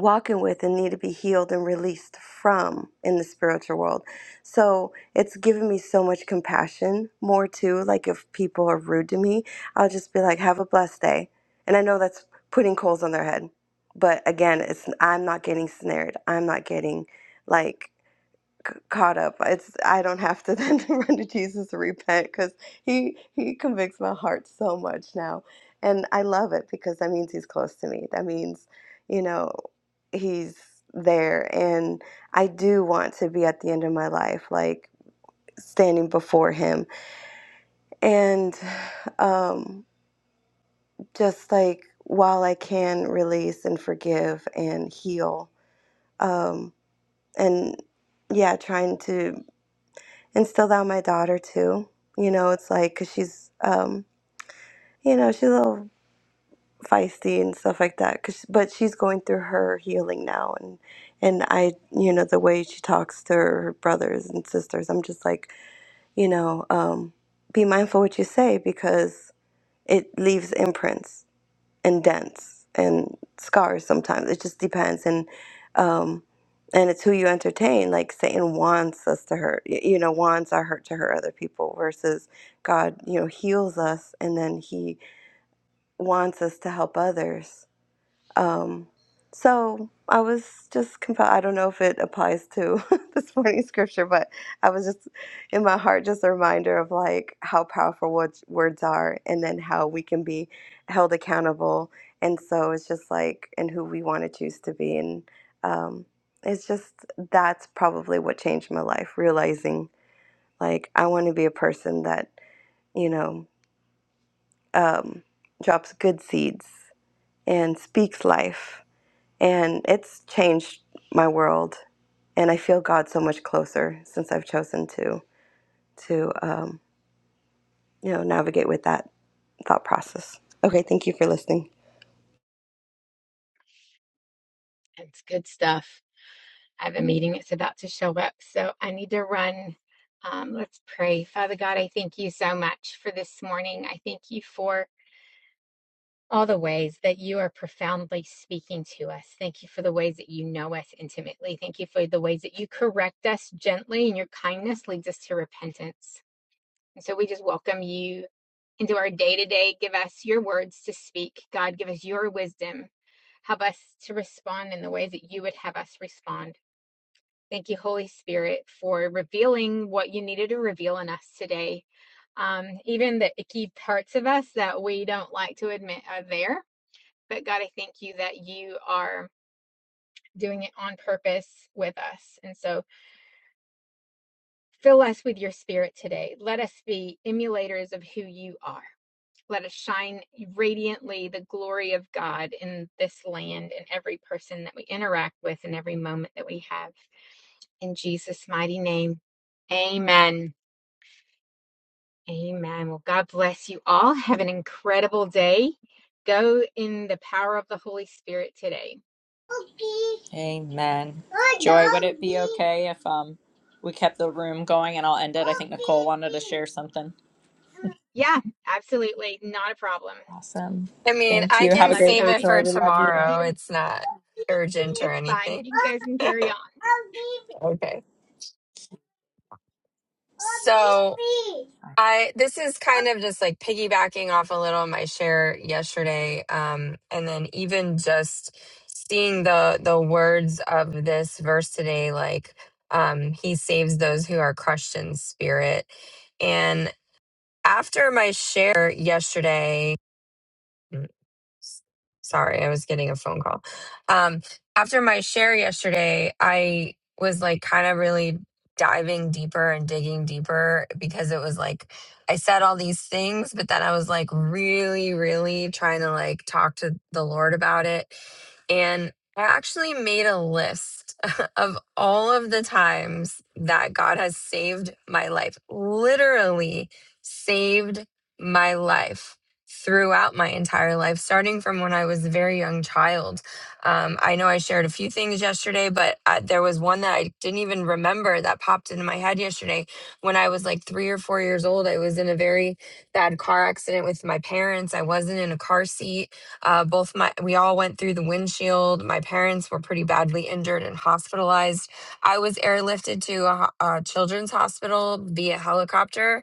Speaker 7: walking with and need to be healed and released from in the spiritual world. So it's given me so much compassion more too. Like if people are rude to me, I'll just be like, have a blessed day. And I know that's putting coals on their head. But again, it's I'm not getting snared. I'm not getting like c- caught up. It's I don't have to [laughs] then run to Jesus and repent because he he convicts my heart so much now. And I love it because that means he's close to me. That means you know he's there and I do want to be at the end of my life like standing before him and um just like while I can release and forgive and heal um and yeah trying to instill that in my daughter too you know it's like cuz she's um you know she's a little feisty and stuff like that. 'cause- but she's going through her healing now, and and I, you know, the way she talks to her brothers and sisters, I'm just like, you know, um, be mindful what you say because it leaves imprints and dents and scars. Sometimes it just depends, and um, and it's who you entertain. Like Satan wants us to hurt, y- you know, wants our hurt to hurt other people versus God, you know, heals us and then He wants us to help others um, so I was just compelled. I don't know if it applies to [laughs] this morning's scripture, but I was just in my heart just a reminder of like how powerful words words are, and then how we can be held accountable. And so it's just like and who we want to choose to be, and um, it's just that's probably what changed my life. Realizing like I want to be a person that you know um, drops good seeds and speaks life and it's changed my world. And I feel God so much closer since I've chosen to to um, you know navigate with that thought process. Okay, thank you for listening.
Speaker 1: It's good stuff. I have a meeting that's about to show up, so I need to run. Um, let's pray. Father God, I thank you so much for this morning. I thank you for all the ways that you are profoundly speaking to us. Thank you for the ways that you know us intimately. Thank you for the ways that you correct us gently and your kindness leads us to repentance. And so we just welcome you into our day to day. Give us your words to speak. God, give us your wisdom. Help us to respond in the ways that you would have us respond. Thank you, Holy Spirit, for revealing what you needed to reveal in us today. Um, even the icky parts of us that we don't like to admit are there. But God, I thank you that you are doing it on purpose with us. And so fill us with your spirit today. Let us be emulators of who you are. Let us shine radiantly the glory of God in this land and every person that we interact with and every moment that we have. In Jesus' mighty name, amen. Amen. Well, God bless you all. [laughs] Have an incredible day. Go in the power of the Holy Spirit today.
Speaker 4: Amen. Joy, would it be okay if um we kept the room going and I'll end it? I think Nicole wanted to share something.
Speaker 1: Yeah, absolutely. Not a problem.
Speaker 4: Awesome.
Speaker 8: I mean,
Speaker 4: Thank
Speaker 8: I
Speaker 4: you. Have
Speaker 8: can
Speaker 4: a
Speaker 1: Love you
Speaker 4: great
Speaker 8: save
Speaker 4: day,
Speaker 8: it
Speaker 1: guys.
Speaker 4: Joy.
Speaker 8: for
Speaker 4: We love you.
Speaker 8: tomorrow. It's not urgent or
Speaker 1: It's fine.
Speaker 8: anything.
Speaker 1: You guys can carry on.
Speaker 8: Okay. So I this is kind of just like piggybacking off a little of my share yesterday. Um, and then even just seeing the the words of this verse today, like um, he saves those who are crushed in spirit. And after my share yesterday. Sorry, I was getting a phone call. Um, after my share yesterday, I was like kind of really diving deeper and digging deeper because it was like I said all these things, but then I was like really, really trying to like talk to the Lord about it. And I actually made a list [laughs] of all of the times that God has saved my life, literally saved my life throughout my entire life, starting from when I was a very young child. Um, I know I shared a few things yesterday, but uh, there was one that I didn't even remember that popped into my head yesterday. When I was like three or four years old, I was in a very bad car accident with my parents. I wasn't in a car seat. Uh, both my we all went through the windshield. My parents were pretty badly injured and hospitalized. I was airlifted to a, ho- a children's hospital via helicopter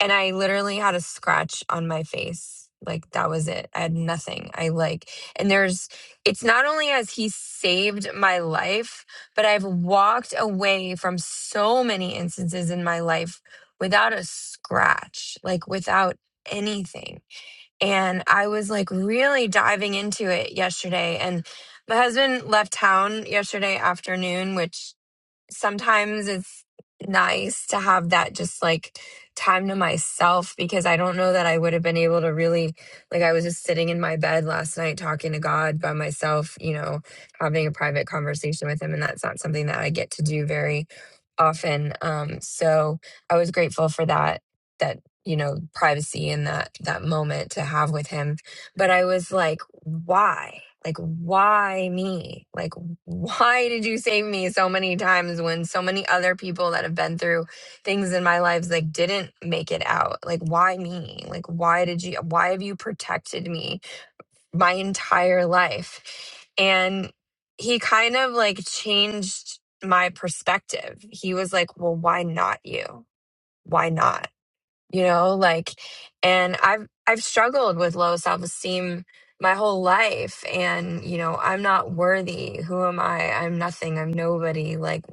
Speaker 8: and I literally had a scratch on my face. Like that was it. I had nothing. I like, and there's, it's not only has he saved my life, but I've walked away from so many instances in my life without a scratch, like without anything. And I was like really diving into it yesterday. And my husband left town yesterday afternoon, which sometimes it's nice to have that just like time to myself because I don't know that I would have been able to really like I was just sitting in my bed last night talking to God by myself, you know, having a private conversation with him and that's not something that I get to do very often. Um so I was grateful for that that you know privacy and that that moment to have with him but i was like why like why me like why did you save me so many times when so many other people that have been through things in my lives like didn't make it out like why me like why did you why have you protected me my entire life and he kind of like changed my perspective he was like well why not you why not you know like and i've i've struggled with low self-esteem my whole life and you know i'm not worthy who am i i'm nothing i'm nobody like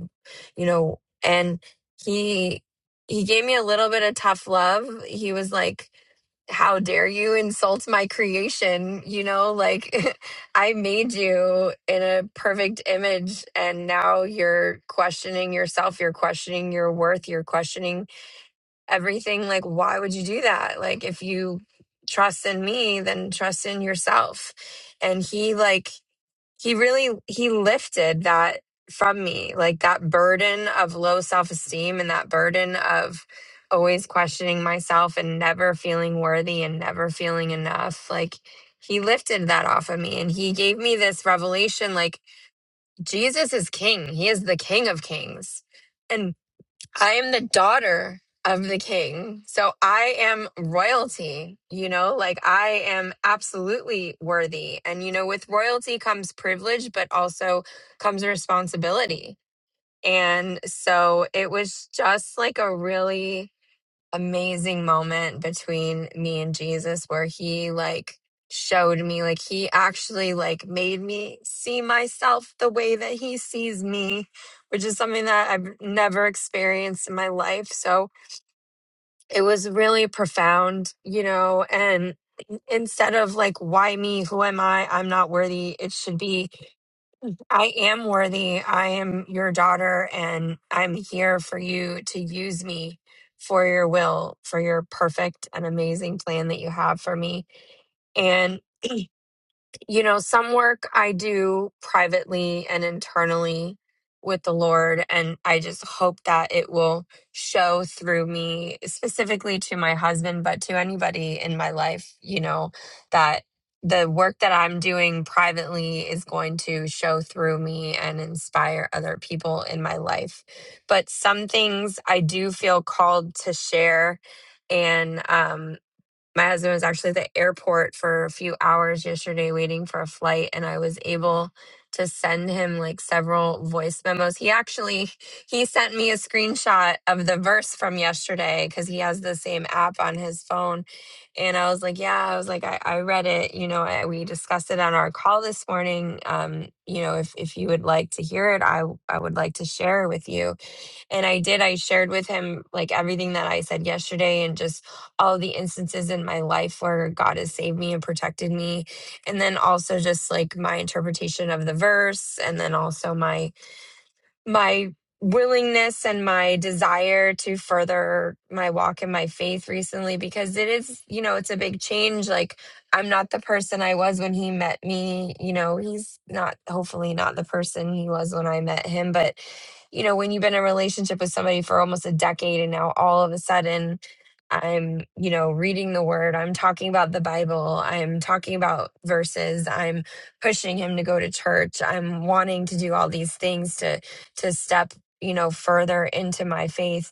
Speaker 8: you know and he he gave me a little bit of tough love he was like how dare you insult my creation you know like [laughs] i made you in a perfect image and now you're questioning yourself you're questioning your worth you're questioning everything like why would you do that like if you trust in me then trust in yourself and he like he really he lifted that from me like that burden of low self-esteem and that burden of always questioning myself and never feeling worthy and never feeling enough like he lifted that off of me and he gave me this revelation like Jesus is king he is the king of kings and. I am the daughter of the king. So I am royalty, you know, like I am absolutely worthy. And, you know, with royalty comes privilege, but also comes responsibility. And so it was just like a really amazing moment between me and Jesus where he like showed me like he actually like made me see myself the way that he sees me which is something that I've never experienced in my life so it was really profound you know and instead of like why me who am I I'm not worthy it should be I am worthy. I am your daughter, and I'm here for you to use me for your will, for your perfect and amazing plan that you have for me. And you know, some work I do privately and internally with the Lord. And I just hope that it will show through me, specifically to my husband, but to anybody in my life, you know, that the work that I'm doing privately is going to show through me and inspire other people in my life. But some things I do feel called to share. And um my husband was actually at the airport for a few hours yesterday waiting for a flight, and I was able to send him like several voice memos. He actually he sent me a screenshot of the verse from yesterday because he has the same app on his phone. And I was like, yeah, I was like, I, I read it, you know, I, we discussed it on our call this morning. Um, you know, if if you would like to hear it, I I would like to share with you and I did, I shared with him like everything that I said yesterday and just all the instances in my life where God has saved me and protected me. And then also just like my interpretation of the verse and then also my my willingness and my desire to further my walk in my faith recently because it is, you know, it's a big change. Like, I'm not the person I was when he met me. You know, he's not, hopefully, not the person he was when I met him. But, you know, when you've been in a relationship with somebody for almost a decade and now all of a sudden, I'm, you know, reading the word. I'm talking about the Bible. I'm talking about verses. I'm pushing him to go to church. I'm wanting to do all these things to to step you know further into my faith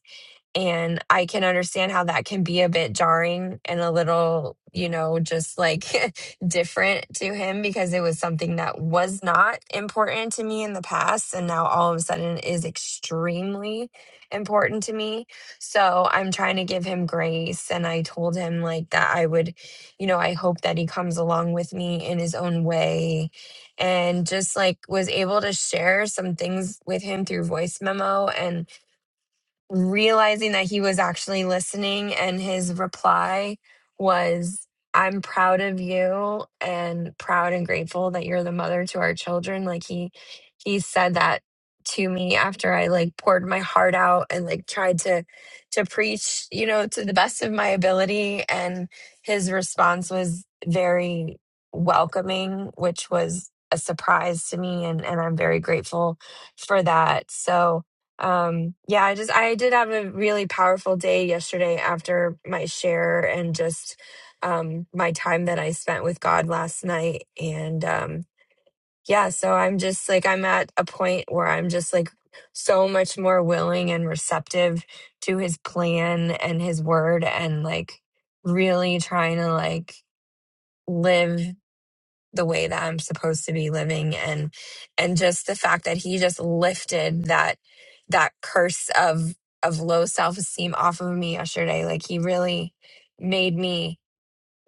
Speaker 8: and I can understand how that can be a bit jarring and a little, you know, just like [laughs] different to him because it was something that was not important to me in the past. And now all of a sudden is extremely important to me. So I'm trying to give him grace. And I told him like that I would, you know, I hope that he comes along with me in his own way and just like was able to share some things with him through voice memo. And realizing that he was actually listening and his reply was i'm proud of you and proud and grateful that you're the mother to our children like he he said that to me after i like poured my heart out and like tried to to preach you know to the best of my ability and his response was very welcoming which was a surprise to me and and i'm very grateful for that so um, yeah, I just I did have a really powerful day yesterday after my share and just um my time that I spent with God last night and um yeah, so I'm just like I'm at a point where I'm just like so much more willing and receptive to his plan and his word and like really trying to like live the way that I'm supposed to be living and and just the fact that he just lifted that that curse of of low self-esteem off of me yesterday like he really made me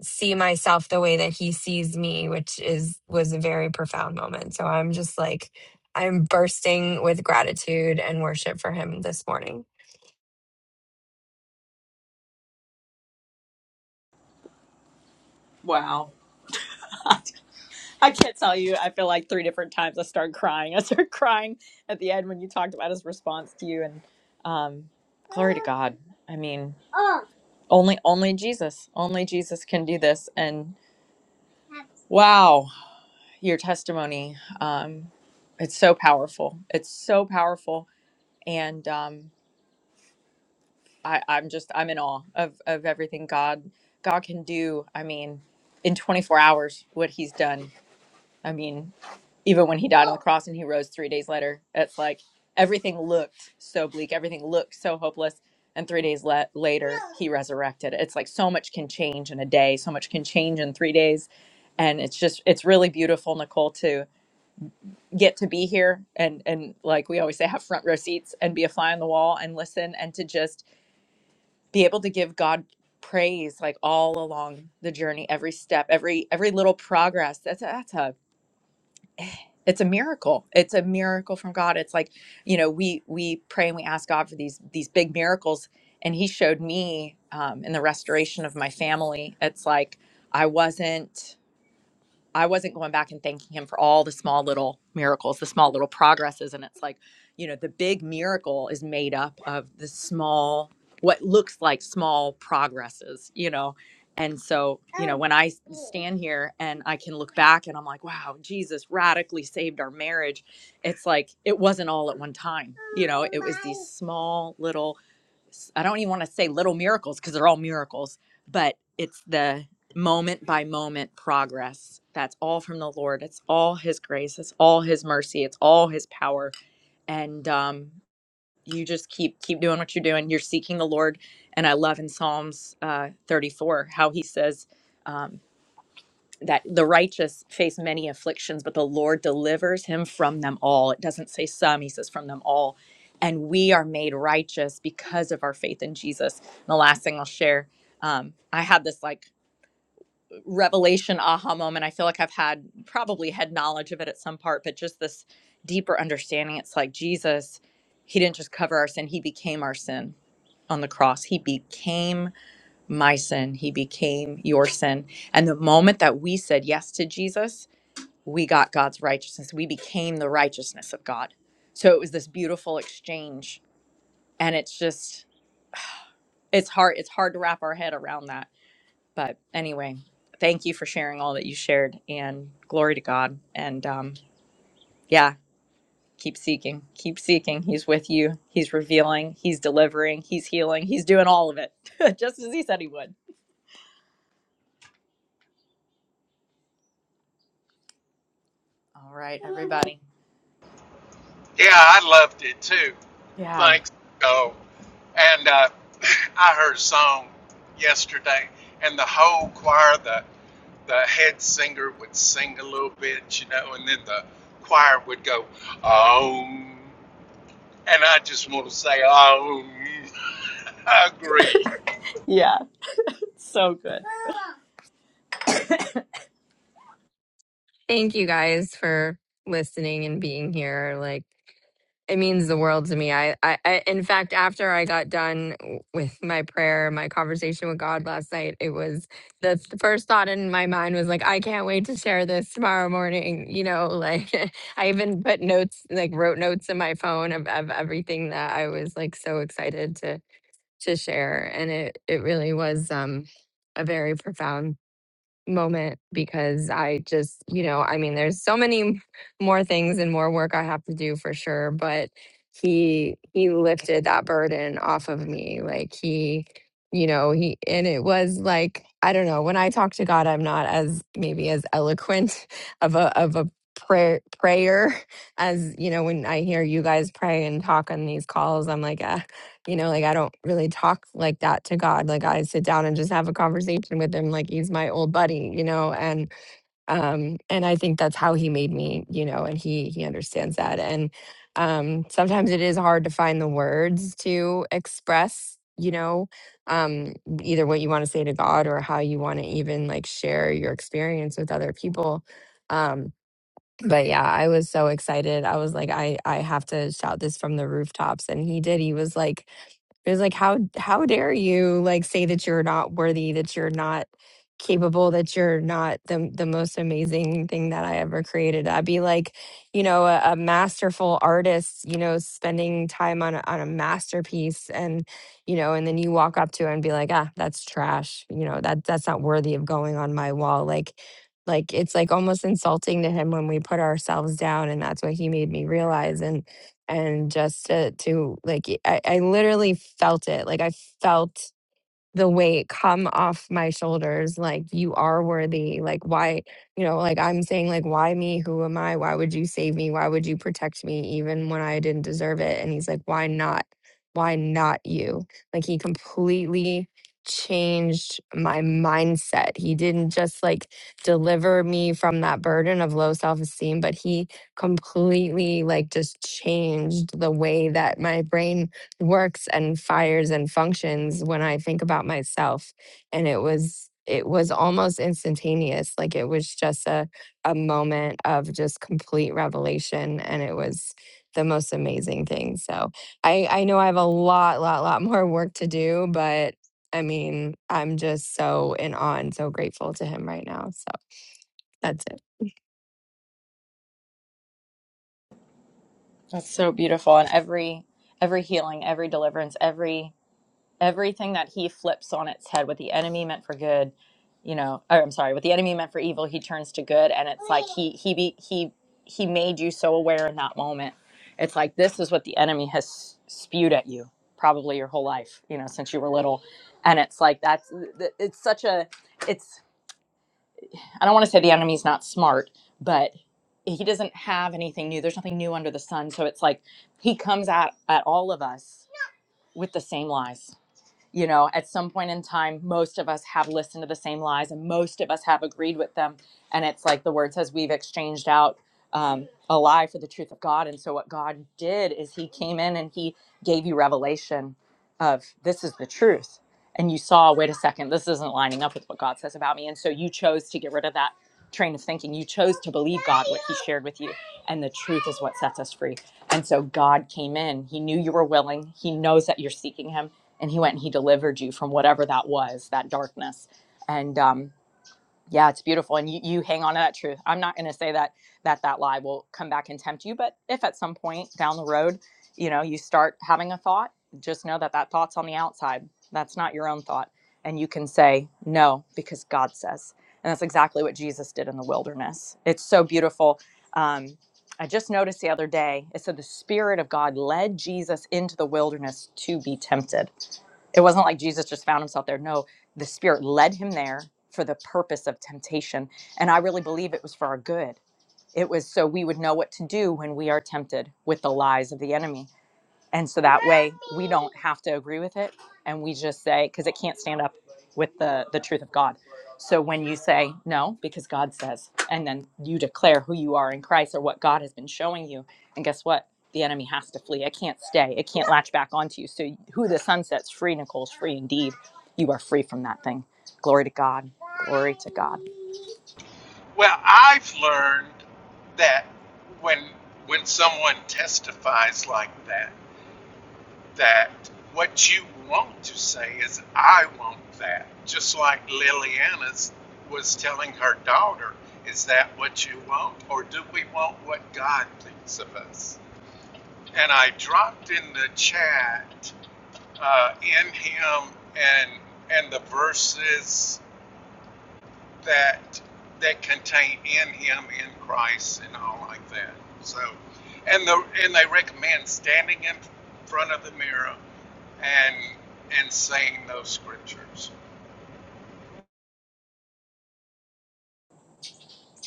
Speaker 8: see myself the way that he sees me which is was a very profound moment so i'm just like i'm bursting with gratitude and worship for him this morning
Speaker 4: Wow. [laughs] I can't tell you. I feel like three different times I started crying. [laughs] I started crying at the end when you talked about his response to you, and um, glory to God. I mean, only only Jesus, only Jesus can do this. And wow, your testimony, um, it's so powerful. It's so powerful, and um, I, I'm just I'm in awe of of everything God God can do. I mean, in 24 hours, what He's done. I mean, even when he died on the cross and he rose three days later, it's like everything looked so bleak, everything looked so hopeless. And three days le- later, he resurrected. It's like so much can change in a day, so much can change in three days. And it's just, it's really beautiful, Nicole, to get to be here and, and like we always say, have front row seats and be a fly on the wall and listen and to just be able to give God praise like all along the journey every step every every little progress that's a, that's a it's a miracle it's a miracle from god it's like you know we we pray and we ask god for these these big miracles and he showed me um, in the restoration of my family it's like i wasn't I wasn't going back and thanking him for all the small little miracles, the small little progresses. And it's like, you know, the big miracle is made up of the small, what looks like small progresses, you know. And so, you know, when I stand here and I can look back and I'm like, wow, Jesus radically saved our marriage. It's like, it wasn't all at one time, you know, it was these small little I I don't even want to say little miracles because they're all miracles, but it's the moment by moment progress. That's all from the Lord. It's all His grace. It's all His mercy. It's all His power. And um, you just keep keep doing what you're doing. You're seeking the Lord. And I love in Psalms uh, 34 how He says. um, that the righteous face many afflictions, but the Lord delivers him from them all. It doesn't say some, he says from them all. And we are made righteous because of our faith in Jesus. And the last thing I'll share, um, I had this like revelation aha moment. I feel like I've had probably had knowledge of it at some part, but just this deeper understanding. It's like Jesus, he didn't just cover our sin, he became our sin on the cross. He became my sin, he became your sin. And the moment that we said yes to Jesus, we got God's righteousness. We became the righteousness of God. So it was this beautiful exchange. And it's just, it's hard, it's hard to wrap our head around that. But anyway, thank you for sharing all that you shared and glory to God. And um, yeah, keep seeking, keep seeking. He's with you, He's revealing, He's delivering, He's healing, He's doing all of it, [laughs] just as He said He would. All right, everybody. Yeah. Yeah. So good. [laughs]
Speaker 8: Thank you guys for listening and being here. Like it means the world to me. I, I, I in fact, after I got done w- with my prayer, my conversation with God last night, it was the th- first thought in my mind was like, I can't wait to share this tomorrow morning. You know, like [laughs] I even put notes, like wrote notes in my phone of, of everything that I was like so excited to to share, and it it really was um a very profound moment because I just, you know, I mean, there's so many more things and more work I have to do for sure, but he he lifted that burden off of me. Like he, you know, he and it was like I don't know, when I talk to God, I'm not as maybe as eloquent [laughs] of a of a prayer prayer [laughs] as, you know, when I hear you guys pray and talk on these calls, I'm like, "Ah, you know, like I don't really talk like that to God. Like I sit down and just have a conversation with him like he's my old buddy, you know, and um and I think that's how he made me, you know, and he he understands that. And um sometimes it is hard to find the words to express, you know, um either what you want to say to God or how you want to even like share your experience with other people. Um but yeah i was so excited i was like i i have to shout this from the rooftops and he did he was like it's like how how dare you like say that you're not worthy, that you're not capable, that you're not the the most amazing thing that I ever created. I'd be like, you know, a, a masterful artist, you know, spending time on a, on a masterpiece, and you know, and then you walk up to it and be like, ah, that's trash. You know, that that's not worthy of going on my wall. Like. Like it's like almost insulting to him when we put ourselves down, and that's what he made me realize. and and just to, to like I, I literally felt it like i felt the weight come off my shoulders like you are worthy like why you know like i'm saying like why me who am i why would you save me why would you protect me even when i didn't deserve it and he's like why not why not you like he completely changed my mindset he didn't just like deliver me from that burden of low self-esteem but he completely like just changed the way that my brain works and fires and functions when I think about myself. And it was it was almost instantaneous. Like it was just a a moment of just complete revelation. And it was the most amazing thing. So I, I know I have a lot, lot, lot [laughs] more work to do, but I mean, I'm just so in awe and so grateful to him right now. So that's it. [laughs]
Speaker 4: That's so beautiful. And every every healing, every deliverance, every everything that he flips on its head, what the enemy meant for good, you know, or I'm sorry, what the enemy meant for evil, he turns to good. And it's like he he be, he he made you so aware in that moment. It's like this is what the enemy has spewed at you probably your whole life, you know, since you were little. And it's like that's it's such a it's I don't want to say the enemy's not smart, he doesn't have anything new. There's nothing new under the sun. So it's like he comes at at all of us with the same lies you know at some point in time most of us have listened to the same lies and most of us have agreed with them and it's like the word says we've exchanged out um, a lie for the truth of god and so what god did is he came in and he gave you revelation of this is the truth and you saw wait a second this isn't lining up with what god says about me and so you chose to get rid of that train of thinking you chose to believe god what he shared with you and the truth is what sets us free and so god came in he knew you were willing he knows that you're seeking him and he went and he delivered you from whatever that was that darkness and um yeah it's beautiful and you, you hang on to that truth i'm not going to say that that that lie will come back and tempt you but if at some point down the road you know you start having a thought just know that that thought's on the outside that's not your own thought and you can say no because god says and that's exactly what jesus did in the wilderness it's so beautiful um, i just noticed the other day it said the spirit of god led jesus into the wilderness to be tempted it wasn't like Jesus just found himself there. No, the Spirit led him there for the purpose of temptation. And I really believe it was for our good. It was so we would know what to do when we are tempted with the lies of the enemy. And so that way we don't have to agree with it and we just say cuz it can't stand up with the the truth of God. So when you say no because God says and then you declare who you are in Christ or what God has been showing you and guess what? The enemy has to flee. It can't stay. It can't latch back onto you. So who the sun sets free Nicole's free indeed. You are free from that thing. Glory to God. Glory to God.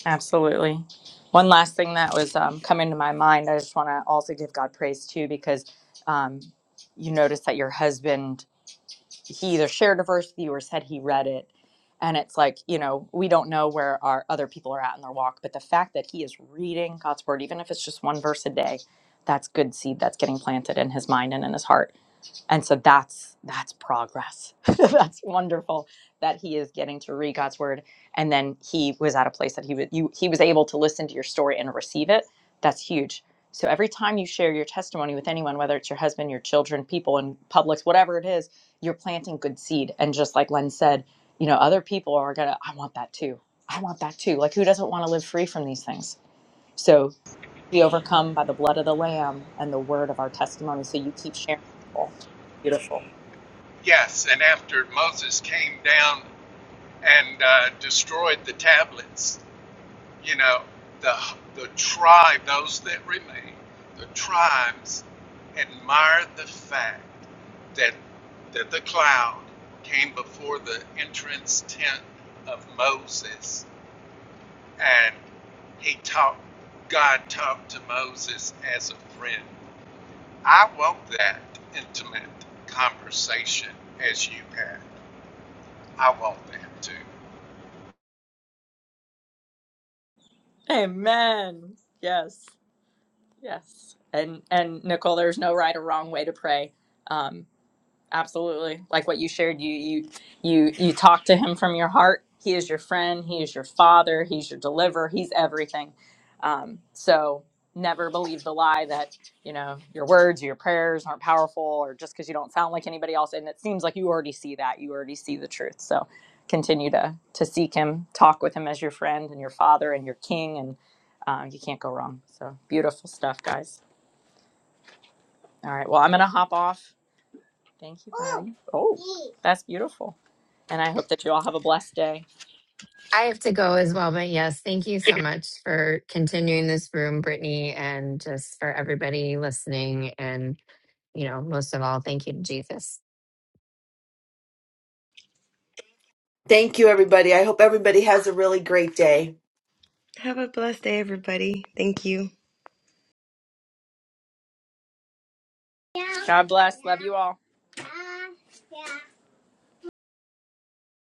Speaker 4: Absolutely. One last thing that was um, coming to my mind, I just want to also give God praise too, because um, you notice that your husband, he either shared a verse with you or said he read it. And it's like, you know, we don't know where our other people are at in their walk, but the fact that he is reading God's word, even if it's just one verse a day, that's good seed that's getting planted in his mind and in his heart and so that's that's progress [laughs] that's wonderful that he is getting to read god's word and then he was at a place that he was you, he was able to listen to your story and receive it that's huge so every time you share your testimony with anyone whether it's your husband your children people in publics whatever it is you're planting good seed and just like len said you know other people are gonna i want that too i want that too like who doesn't want to live free from these things so be overcome by the blood of the Lamb and the word of our testimony. So you keep sharing, Nicole. Beautiful. Amen. Yes. Yes. And and Nicole, there's no right or wrong way to pray. Um, absolutely like what you shared you you you you talk to him from your heart he is your friend he is your father he's your deliverer he's everything um, so never believe the lie that you know your words or your prayers aren't powerful or just because you don't sound like anybody else and it seems like you already see that you already see the truth so continue to to seek him talk with him as your friend and your father and your king and uh, you can't go wrong so beautiful stuff guys all right well i'm gonna hop off Thank you, Patty. Oh, that's beautiful. And I hope that you all have a blessed day.
Speaker 8: I have to go as well, but yes, thank you so much for continuing this room, Brittany, and just for everybody listening. And, you know, most of all, thank you to Jesus.
Speaker 9: Thank you, everybody. I hope everybody has a really great day.
Speaker 7: Have a blessed day, everybody. Thank you.
Speaker 4: God bless. Love you all.